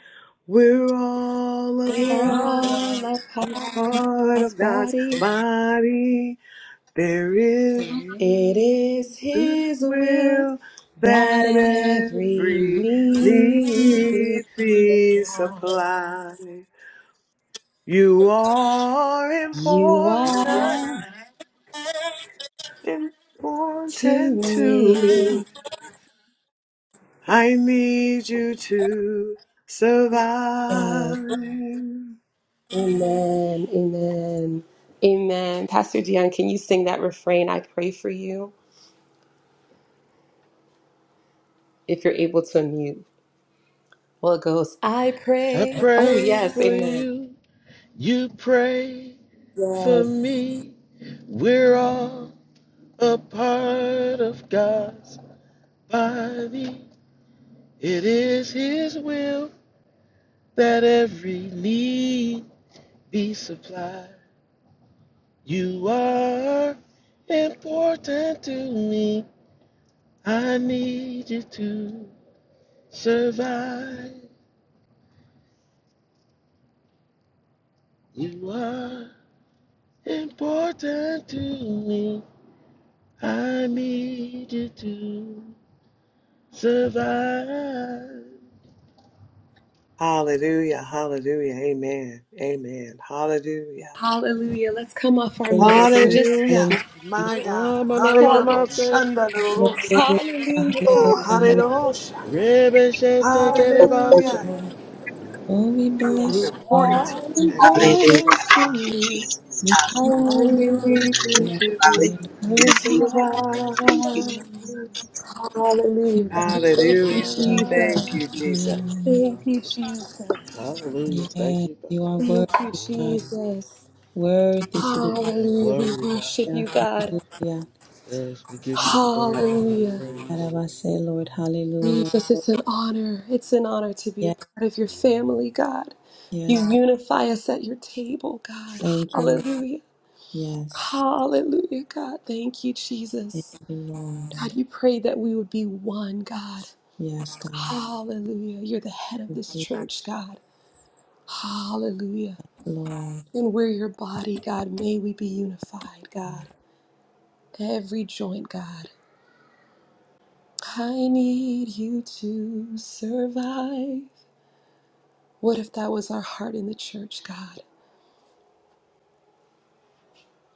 S5: We're all a
S1: We're
S5: part,
S1: all a
S5: a
S1: part
S5: part
S1: God's
S5: of God's
S1: Body.
S5: body. There is
S1: It is
S5: this
S1: His will
S5: will
S1: that
S5: that
S1: every
S5: every
S1: need be
S5: need be supplied. You are
S1: you
S5: important,
S1: are to
S5: important
S1: me.
S5: to me. I need you to
S1: Yes.
S5: survive.
S1: Amen. Amen. Amen. Pastor Dion, can you sing that refrain? I pray for you if you're able to unmute. Well, it goes, I
S2: I
S1: pray. Oh,
S2: pray
S1: yes.
S2: for
S1: Amen.
S2: you. You pray for
S1: Yes.
S2: me. We're all a part of God's body. It is His will that every need be supplied. You are important to me. I need you to survive. You are important to me. I need you to survive.
S5: Hallelujah, hallelujah, amen, amen, hallelujah,
S1: Hallelujah. Let's come off our
S3: Hallelujah,
S1: mics and just
S5: hallelujah,
S3: hallelujah,
S5: my God,
S2: Mama, mama,
S5: hallelujah,
S2: mama said.
S5: shandarorosa.
S3: hallelujah, hallelujah,
S5: Ooh,
S3: hallelujah.
S5: hallelujah,
S2: Ribbon shit to get it by
S6: Hallelujah.
S5: hallelujah,
S7: No, no,
S3: Oh, we
S7: no, no,
S5: you are
S3: bless your
S5: important
S3: name.
S5: to
S7: no,
S5: me,
S3: God.
S5: I
S7: surely
S5: need
S6: Thank
S5: you
S7: I
S5: to
S7: knelt
S6: you,
S5: survive,
S7: and
S6: Jesus.
S3: We
S7: falling,
S3: thank
S5: I
S7: I
S3: you,
S5: need you
S7: need
S3: Lord.
S6: Hallelujah.
S5: to
S7: you,
S3: Hallelujah.
S6: Thank you. Thank you.
S2: safety.
S5: survive,
S7: alive.
S3: We
S7: Be under the
S5: hallelujah,
S3: Lord, we
S5: thank
S3: bless
S2: survive.
S5: you,
S7: Lord, she
S5: Jesus,
S7: be
S3: you.
S7: under the Lord.
S2: Hallelujah. Thank
S3: Yes,
S2: you,
S3: you
S2: Father.
S3: are worthy,
S7: Oh,
S3: God.
S7: no, no, no, no,
S3: Worthy
S7: she
S3: to be
S7: under
S2: Amen.
S7: the
S1: hallelujah. We
S2: Glory
S7: Lord.
S2: to God.
S1: worship
S3: here.
S1: you, God.
S3: Hallelujah.
S2: Yes, we give you glory, honor, and
S1: Hallelujah.
S3: That
S2: praise.
S3: I
S7: Hallelujah,
S3: say, Lord,
S7: hallelujah.
S3: hallelujah.
S1: Jesus, it's an honor. It's an honor to be a part of your family, God.
S3: Yes,
S1: You
S3: God.
S1: unify us at your table, God.
S3: Thank you, Lord.
S1: Hallelujah.
S3: Yes.
S1: Hallelujah, God. Thank you,
S3: Thank
S1: Jesus.
S3: you, Lord.
S1: God, you prayed that we would be one, God.
S3: Yes, God.
S1: Hallelujah. You're the head of
S3: In
S1: this
S3: Jesus,
S1: church, God. Hallelujah.
S3: Lord.
S1: And we're your body, God. May we be unified, God.
S3: God.
S1: Every joint, God. I need you to survive. What if that was our heart in the church, God?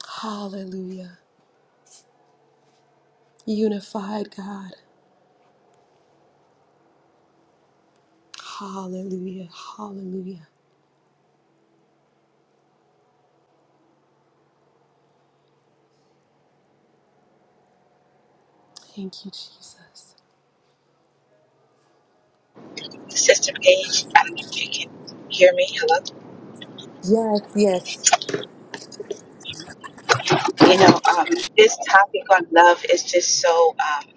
S1: Hallelujah. Unified God. Hallelujah. Hallelujah. Thank you, Jesus.
S6: the System Gage, I don't know if you can hear me. Hello.
S1: Yes, yes.
S6: You know, um, this topic on love is just so um,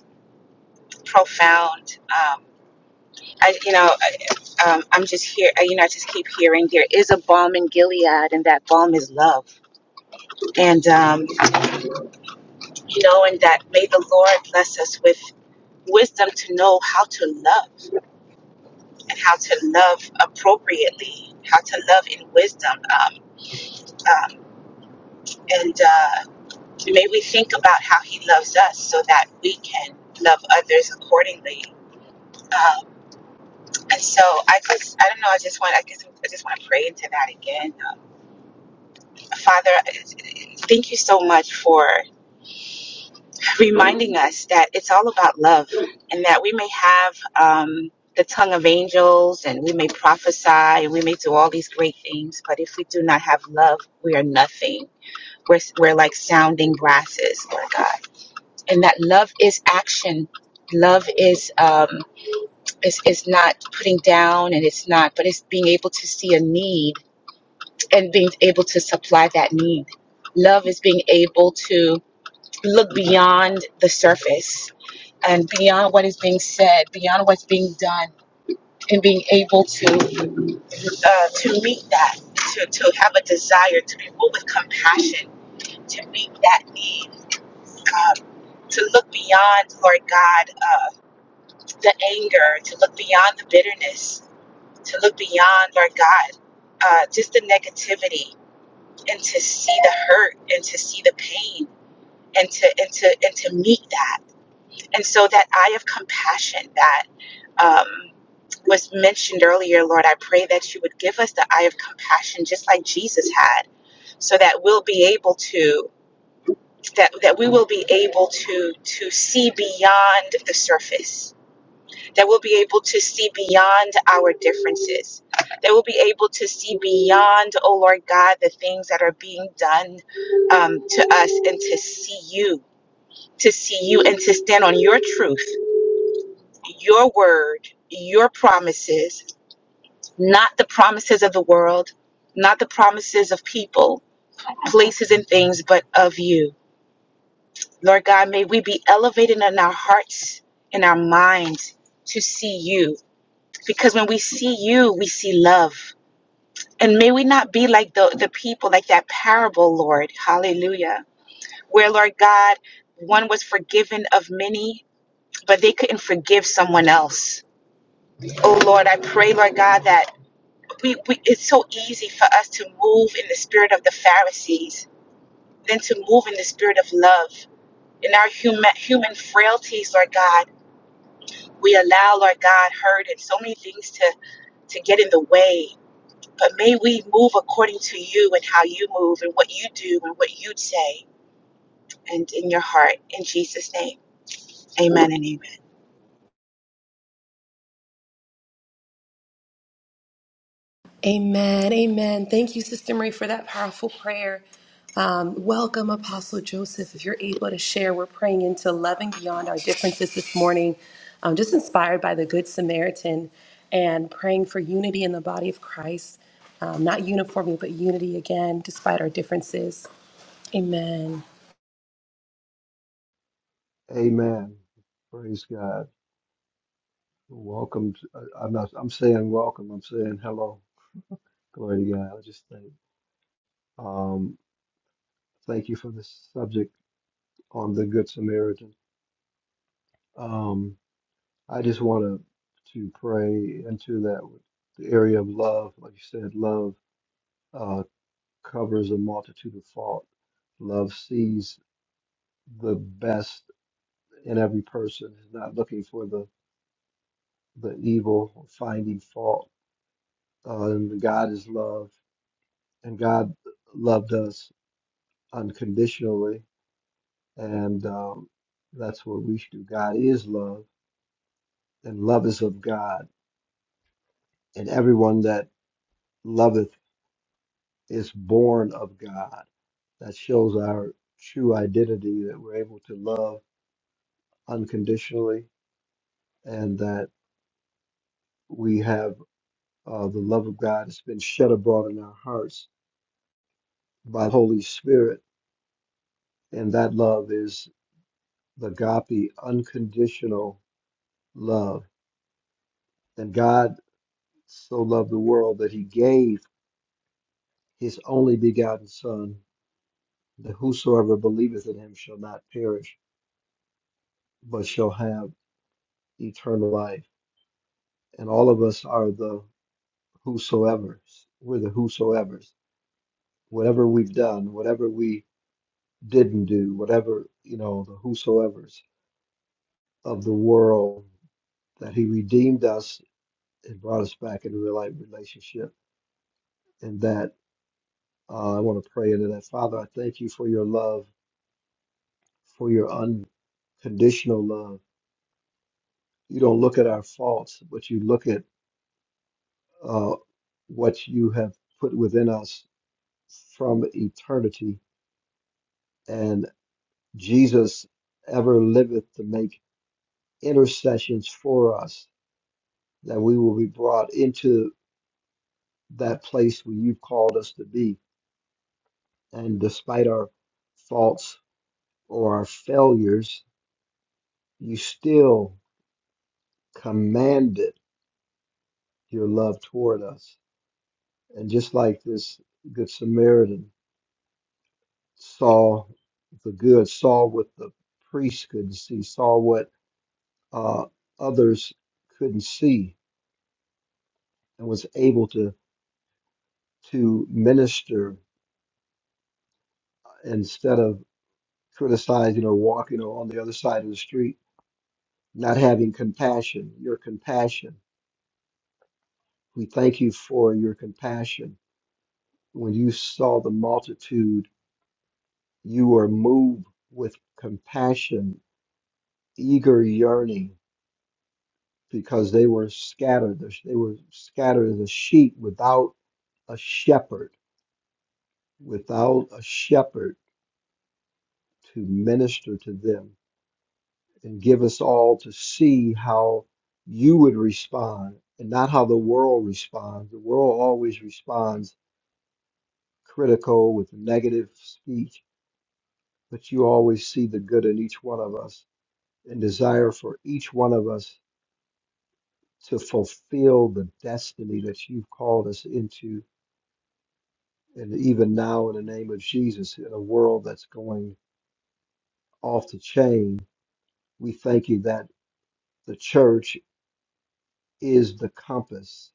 S6: profound. Um, I, you know, I- um, I'm just here. I- You know, I just keep hearing there is a balm in Gilead, and that balm is love. And um, you know, and that may the Lord bless us with wisdom to know how to love and how to love appropriately, how to love in wisdom. Um, um, and uh, May we think about how He loves us so that we can love others accordingly. Um, and so I just, I don't know, I just want, I guess I just want to pray into that again. Father, thank you so much for reminding us that it's all about love and that we may have um, the tongue of angels and we may prophesy and we may do all these great things, but if we do not have love, we are nothing. We're, we're like sounding brasses, Lord God. and that love is action love is um is, is not putting down and it's not but it's being able to see a need and being able to supply that need love is being able to look beyond the surface and beyond what is being said beyond what's being done and being able to uh, to meet that to, to have a desire to be moved with compassion to meet that need um, to look beyond lord god uh, the anger, to look beyond the bitterness, to look beyond, Lord God, uh, just the negativity and to see the hurt and to see the pain and to and to and to meet that. And so that eye of compassion that um, was mentioned earlier, Lord, I pray that you would give us the eye of compassion just like Jesus had, so that we'll be able to that that we will be able to to see beyond the surface that we'll be able to see beyond our differences, that we'll be able to see beyond, oh Lord God, the things that are being done um, to us and to see you, to see you and to stand on your truth, your word, your promises, not the promises of the world, not the promises of people, places, and things, but of you. Lord God, may we be elevated in our hearts, in our minds to see you because when we see you, we see love. And may we not be like the, the people, like that parable, Lord. Hallelujah. Where, Lord God, one was forgiven of many, but they couldn't forgive someone else. Oh, Lord, I pray, Lord God, that we, we it's so easy for us to move in the spirit of the Pharisees than to move in the spirit of love. In our human, human frailties, Lord God, we allow, Lord God, hurt and so many things to, to get in the way But may we move according to you and how you move and what you do and what you say and in your heart. In Jesus' name, amen and amen.
S1: Amen. Amen. Thank you, Sister Marie, for that powerful prayer. Um, welcome, Apostle Joseph. If you're able to share, we're praying into loving beyond our differences this morning. Um, just inspired by the Good Samaritan and praying for unity in the body of Christ. Um, not uniformity, but unity again, despite our differences. Amen.
S7: Amen. Praise God. Welcome. to- uh, I'm not. I'm saying welcome. I'm saying hello. Glory to God. I just thank. Um, thank you for this subject on the Good Samaritan. Um, I just want to to pray into that with the area of love. Like you said, love uh, covers a multitude of fault. Love sees the best in every person. Is not looking for the the evil, or finding fault. Uh, and God is love, and God loved us unconditionally, and um, that's what we should do. God is love, and love is of God, and everyone that loveth is born of God. That shows our true identity that we're able to love unconditionally, and that we have uh, the love of God has been shed abroad in our hearts by the Holy Spirit, and that love is the agape, unconditional love. And God so loved the world that He gave his only begotten Son, that whosoever believeth in him shall not perish, but shall have eternal life. And all of us are the whosoever's. We're the whosoever's. Whatever we've done, whatever we didn't do, whatever, you know, the whosoever's of the world, that he redeemed us and brought us back into real life relationship. And that uh, I want to pray into that. Father, I thank you for your love, for your unconditional love you don't look at our faults, but you look at uh, what you have put within us from eternity. And Jesus ever liveth to make intercessions for us, that we will be brought into that place where you've called us to be. And despite our faults or our failures, you still commanded your love toward us. And just like this Good Samaritan, saw the good, saw what the priest couldn't see, saw what uh, others couldn't see, and was able to to minister instead of criticizing or walking on the other side of the street, not having compassion. Your compassion. We thank you for your compassion. When you saw the multitude, you were moved with compassion, eager yearning because they were scattered. They were scattered as a sheep without a shepherd, without a shepherd to minister to them and give us all to see how you would respond and not how the world responds. The world always responds critical with negative speech, but you always see the good in each one of us and desire for each one of us to fulfill the destiny that you've called us into And even now, in the name of Jesus, in a world that's going off the chain, we thank you that the church is the compass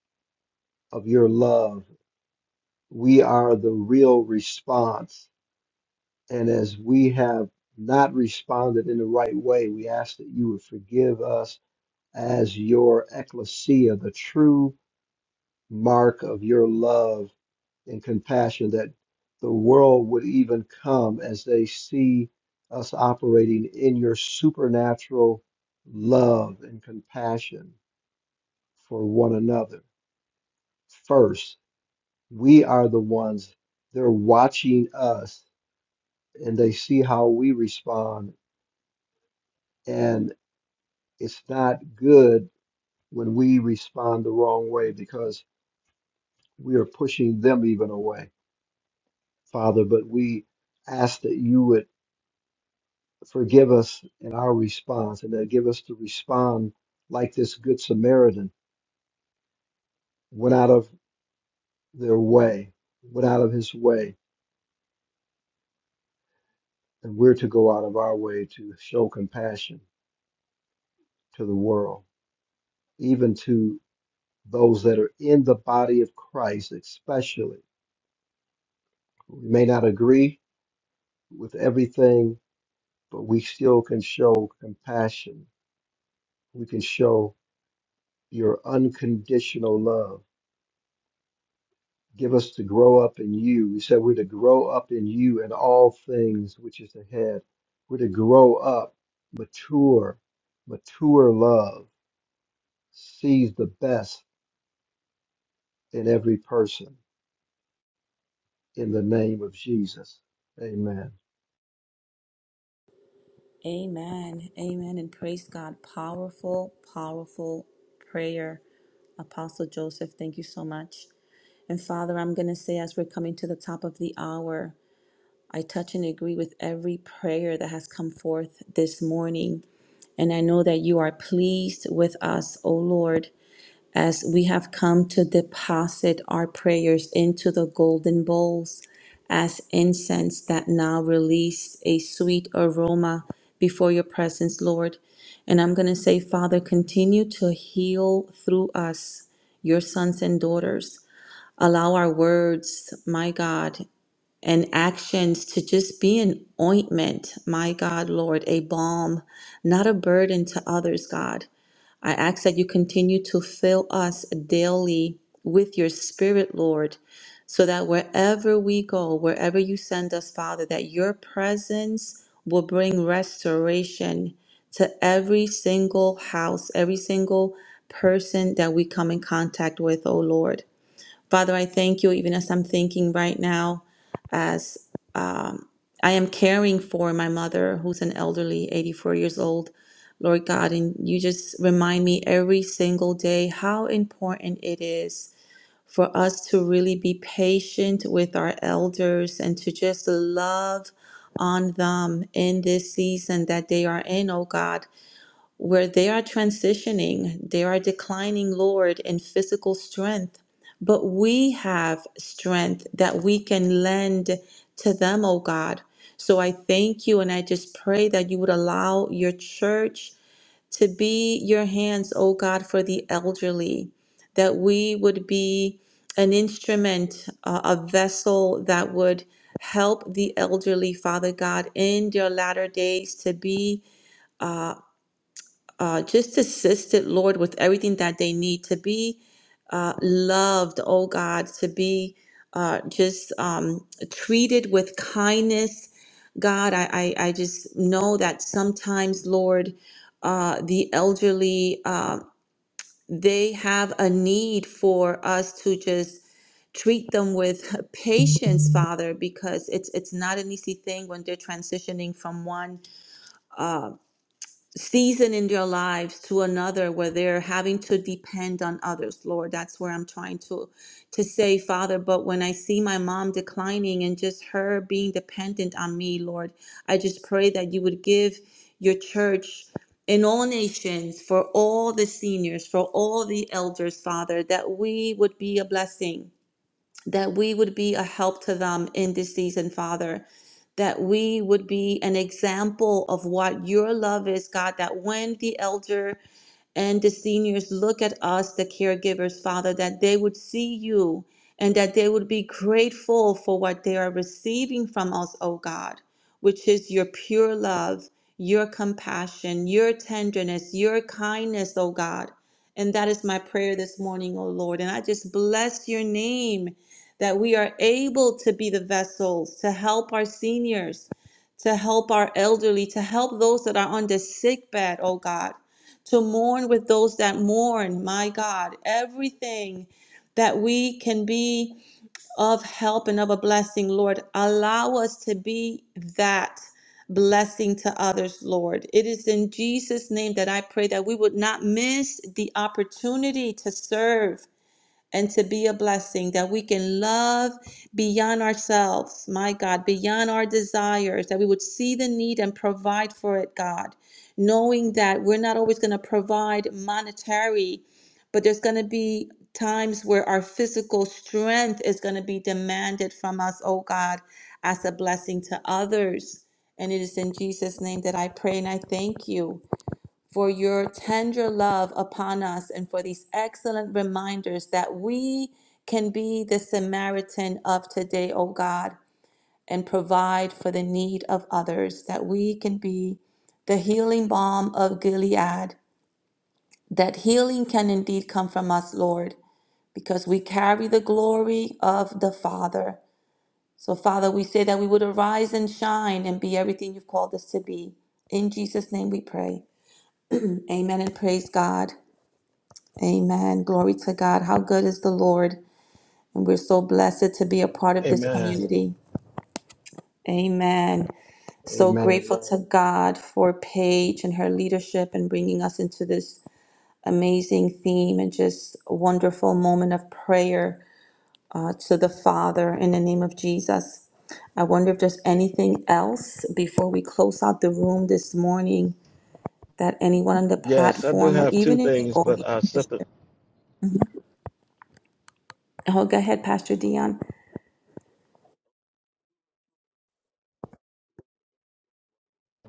S7: of your love. We are the real response. And as we have not responded in the right way, we ask that you would forgive us as your ecclesia, the true mark of your love and compassion that the world would even come as they see us operating in your supernatural love and compassion for one another. First, we are the ones, they're watching us and they see how we respond. And it's not good when we respond the wrong way because we are pushing them even away, Father. But we ask that you would forgive us in our response and that give us to respond like this good Samaritan went out of their way, went out of his way, and we're to go out of our way to show compassion to the world, even to those that are in the body of Christ, especially. We may not agree with everything, but we still can show compassion. We can show your unconditional love give us to grow up in you. We said we're to grow up in you in all things which is ahead. We're to grow up, mature, mature love, sees the best in every person in the name of Jesus. Amen.
S3: Amen. Amen. And praise God. Powerful, powerful prayer. Apostle Joseph, thank you so much. And Father, I'm going to say as we're coming to the top of the hour, I touch and agree with every prayer that has come forth this morning. And I know that you are pleased with us, O Lord. as we have come to deposit our prayers into the golden bowls as incense that now release a sweet aroma before your presence, Lord. And I'm going to say, Father, continue to heal through us, your sons and daughters. Allow our words, my God, and actions to just be an ointment, my God, Lord, a balm, not a burden to others, God. I ask that you continue to fill us daily with your spirit, Lord, so that wherever we go, wherever you send us, Father, that your presence will bring restoration to every single house, every single person that we come in contact with, oh Lord. Father, I thank you even as I'm thinking right now, as um, I am caring for my mother who's an elderly, 84 years old. Lord God, and you just remind me every single day how important it is for us to really be patient with our elders and to just love on them in this season that they are in, oh God where they are transitioning, they are declining, Lord, in physical strength. But we have strength that we can lend to them, oh God. So I thank you and I just pray that you would allow your church to be your hands, oh God, for the elderly, that we would be an instrument, uh, a vessel that would help the elderly, Father God, in their latter days to be. Uh, uh, just assisted, Lord, with everything that they need to be uh, loved, oh God, to be uh, just um, treated with kindness. God, I, I, I just know that sometimes, Lord, uh, the elderly, uh, they have a need for us to just treat them with patience, Father, because it's it's not an easy thing when they're transitioning from one uh, season in their lives to another where they're having to depend on others lord that's where i'm trying to to say father but when i see my mom declining and just her being dependent on me lord i just pray that you would give your church in all nations for all the seniors for all the elders father that we would be a blessing that we would be a help to them in this season, Father. That we would be an example of what your love is, God. That when the elder and the seniors look at us, the caregivers, Father, that they would see you and that they would be grateful for what they are receiving from us, O God, which is your pure love, your compassion, your tenderness, your kindness, O God. And that is my prayer this morning, O Lord. And I just bless your name that we are able to be the vessels to help our seniors, to help our elderly, to help those that are on the sick bed, O God to mourn with those that mourn, my God, everything that we can be of help and of a blessing, Lord. Allow us to be that blessing to others, Lord. It is in Jesus' name that I pray that we would not miss the opportunity to serve and to be a blessing, that we can love beyond ourselves, my God, beyond our desires, that we would see the need and provide for it, God, knowing that we're not always going to provide monetary, but there's going to be times where our physical strength is going to be demanded from us, oh God, as a blessing to others. And it is in Jesus' name that I pray and I thank you for your tender love upon us and for these excellent reminders that we can be the Samaritan of today, O God, and provide for the need of others, that we can be the healing balm of Gilead, that healing can indeed come from us, Lord, because we carry the glory of the Father. So, Father, we say that we would arise and shine and be everything you've called us to be. In Jesus' name we pray. Amen and praise God. Amen. Glory to God. How good is the Lord? And we're so blessed to be a part of this
S2: Amen.
S3: community. Amen. So
S7: Amen.
S3: grateful to
S7: Amen.
S3: God for Paige and her leadership and bringing us into this amazing theme and just a wonderful moment of prayer uh, to the Father in the name of Jesus. I wonder if there's anything else before we close out the room this morning that anyone on the
S2: Yes, I do
S3: platform or
S2: have two
S3: even in the
S2: things, but
S3: audience.
S2: uh separate
S3: Mhm. Oh, go ahead, Pastor Dion.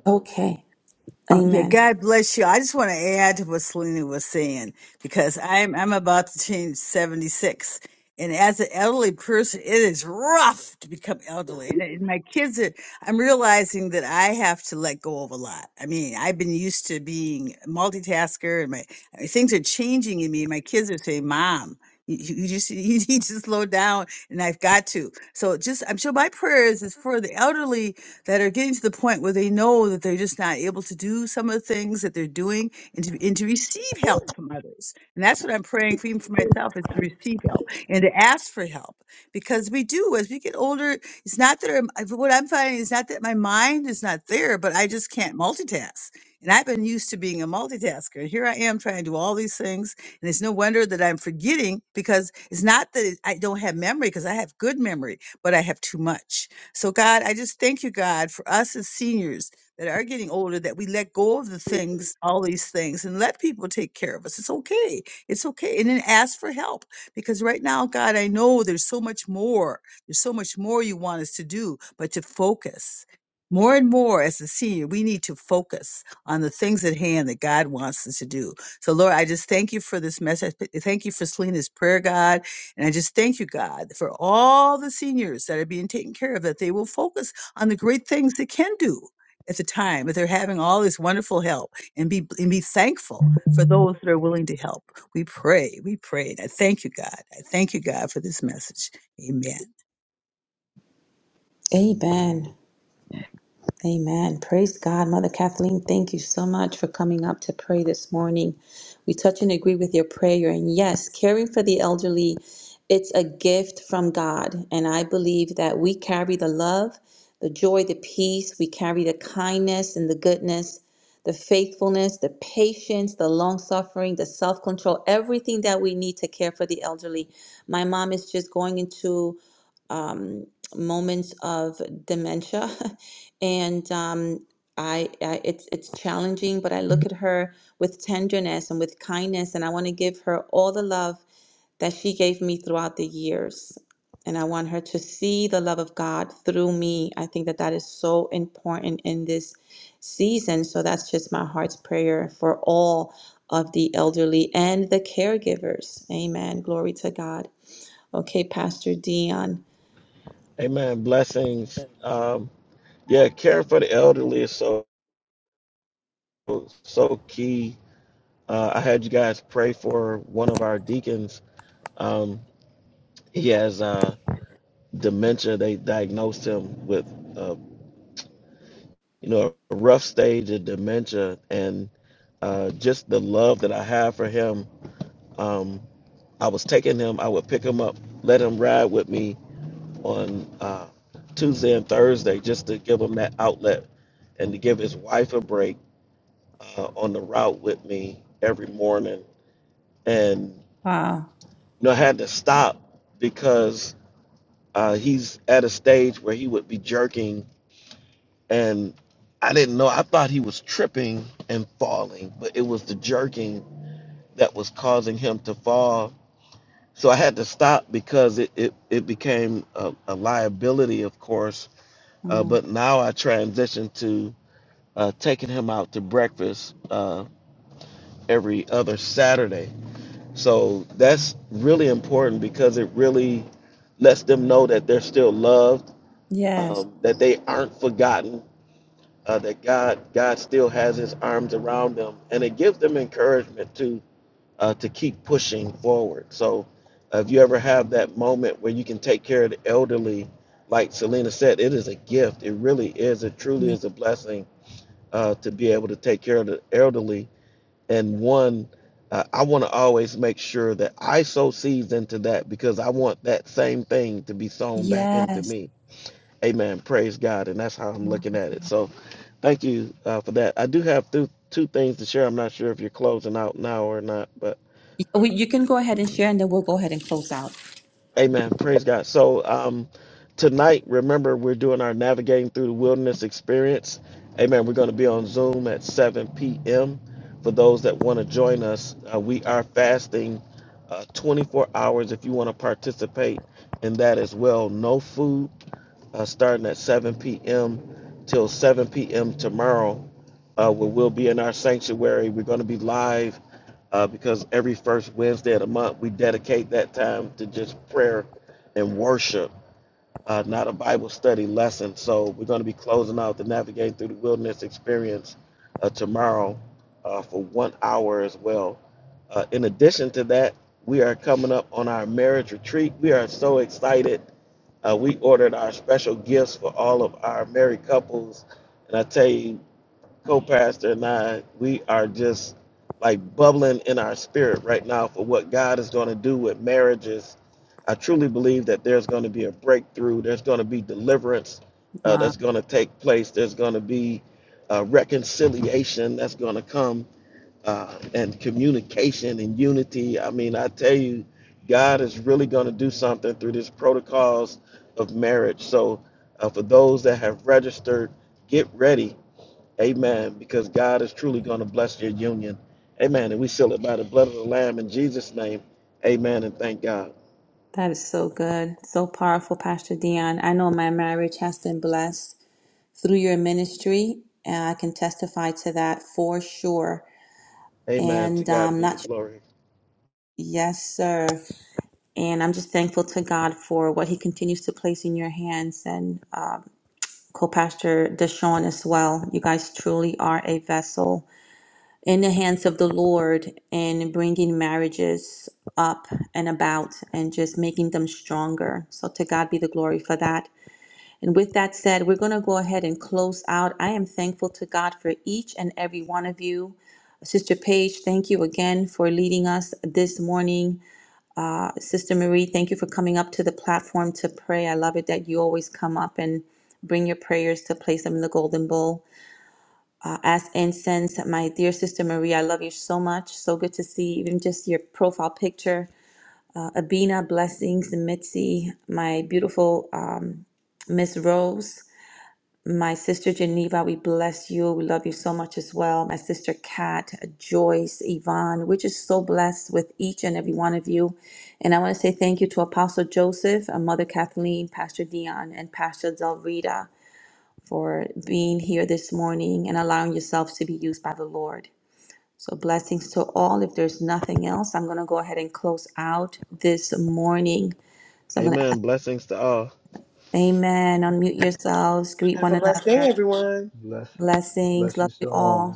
S3: Okay.
S8: Oh, yeah,
S3: Amen.
S8: God bless you. I just want to add to what Selena was saying because I'm I'm about to change 76, and as an elderly person, it is rough to become elderly. And and my kids are. I'm realizing that I have to let go of a lot. I mean, I've been used to being a multitasker, and my I mean, things are changing in me. My kids are saying, "Mom." You, you you just you need to slow down, and I've got to. So, just I'm sure my prayers is for the elderly that are getting to the point where they know that they're just not able to do some of the things that they're doing and to, and to receive help from others. And that's what I'm praying for, even for myself, is to receive help and to ask for help. Because we do, as we get older, it's not that I'm, I- what I'm finding is not that my mind is not there, but I just can't multitask. And I've been used to being a multitasker. And here I am trying to do all these things. And it's no wonder that I'm forgetting because it's not that I don't have memory, because I have good memory, but I have too much. So, God, I just thank you, God, for us as seniors that are getting older, that we let go of the things, all these things, and let people take care of us. It's okay. It's okay. And then ask for help. Because right now, God, I know there's so much more. There's so much more you want us to do, but to focus. More and more as a senior, we need to focus on the things at hand that God wants us to do. So, Lord, I just thank you for this message. Thank you for Selena's prayer, God. And I just thank you, God, for all the seniors that are being taken care of, that they will focus on the great things they can do at the time, that they're having all this wonderful help and be, and be thankful for those that are willing to help. We pray, we pray. And I thank you, God. I thank you, God, for this message. Amen.
S7: Amen.
S3: Amen. Amen. Praise God. Mother Kathleen, thank you so much for coming up to pray this morning. We touch and agree with your prayer. And yes, caring for the elderly, it's a gift from God. And I believe that we carry the love, the joy, the peace, we carry the kindness and the goodness, the faithfulness, the patience, the long suffering, the self control, everything that we need to care for the elderly. My mom is just going into um, moments of dementia And um, I, I it's it's challenging, but I look at her with tenderness and with kindness, and I want to give her all the love that she gave me throughout the years. And I want her to see the love of God through me. I think that that is so important in this season. So that's just my heart's prayer for all of the elderly and the caregivers. Amen. Glory to God. Okay, Pastor Dion.
S2: Amen. Blessings. Um yeah, care for the elderly is so so key. Uh I had you guys pray for one of our deacons. Um he has uh dementia. They diagnosed him with uh, you know, a rough stage of dementia, and uh, just the love that I have for him. Um, I was taking him, I would pick him up, let him ride with me on uh, Tuesday and Thursday just to give him that outlet and to give his wife a break uh, on the route with me every morning. And, you
S3: Wow.
S2: know, I had to stop because uh, he's at a stage where he would be jerking and I didn't know. I thought he was tripping and falling, but it was the jerking that was causing him to fall. So I had to stop because it it, it became a, a liability, of course. Uh, but now I transitioned to uh, taking him out to breakfast uh, every other Saturday. So that's really important because it really lets them know that they're still loved,
S3: Yes.
S2: um, that they aren't forgotten, uh, that God God still has His arms around them, and it gives them encouragement to uh, to keep pushing forward. So, uh, if you ever have that moment where you can take care of the elderly, like Selena said, it is a gift. It really is. It truly is a blessing uh, to be able to take care of the elderly. And one, uh, I want to always make sure that I sow seeds into that because I want that same thing to be sown
S3: Yeah.
S2: back into me Amen. Praise God. And that's how I'm looking at it. So thank you uh, for that. I do have two, two things to share. I'm not sure if you're closing out now or not, but amen. Praise God. So um, tonight, remember, we're doing our Navigating Through the Wilderness experience. Amen. We're going to be on Zoom at 7 p.m. For those that want to join us, uh, we are fasting uh, 24 hours if you want to participate in that as well. No food uh, starting at 7 p.m. till 7 p.m. tomorrow, uh, where we'll be in our sanctuary. We're going to be live uh, because every first Wednesday of the month, we dedicate that time to just prayer and worship, uh, not a Bible study lesson. So we're going to be closing out the Navigating Through the Wilderness experience uh, tomorrow uh, for one hour as well. Uh, in addition to that, we are coming up on our marriage retreat. We are so excited uh, we ordered our special gifts for all of our married couples. And I tell you, co pastor and I, we are just like bubbling in our spirit right now for what God is going to do with marriages. I truly believe that there's going to be a breakthrough, there's going to be deliverance uh,
S3: Wow.
S2: that's going to take place, there's going to be uh, reconciliation that's going to come uh, and communication and unity. I mean, I tell you, God is really going to do something through this protocols of marriage. So, uh, for those that have registered, get ready, Amen, because God is truly going to bless your union, Amen. And we seal it by the blood of the Lamb in Jesus' name, Amen. And thank God,
S3: That is so good, so powerful, Pastor Dion. I know my marriage has been blessed through your ministry, and I can testify to that for sure.
S2: Amen. To
S3: And
S2: God
S3: um,
S2: be the
S3: not sure.
S2: glory,
S3: yes, sir. And I'm just thankful to God for what He continues to place in your hands, and um, co-pastor Deshaun as well. You guys truly are a vessel in the hands of the Lord in bringing marriages up and about and just making them stronger. So to God be the glory for that. And with that said, we're going to go ahead and close out. I am thankful to God for each and every one of you. Sister Paige, thank you again for leading us this morning. Uh, Sister Marie, thank you for coming up to the platform to pray. I love it that you always come up and bring your prayers to place them in the golden bowl. Uh, as incense, my dear Sister Marie, I love you so much. So good to see even just your profile picture. Uh, Abina, blessings, Mitzi, my beautiful um, Miss Rose. My sister Geneva, we bless you. We love you so much as well. My sister Kat, Joyce, Yvonne, we're just so blessed with each and every one of you. And I want to say thank you to Apostle Joseph, uh, Mother Kathleen, Pastor Dion, and Pastor Del Rita for being here this morning and allowing yourselves to be used by the Lord. So, blessings to all. If there's nothing else, I'm going to go ahead and close out this morning. So, I'm going to ask,
S2: Amen. Blessings to all.
S3: Amen. Unmute yourselves, greet
S5: Have
S3: one
S5: a blessed
S3: another.
S5: day, everyone.
S7: Blessing.
S3: Blessings. Love
S7: Blessings
S3: you
S7: to
S3: all.
S7: all.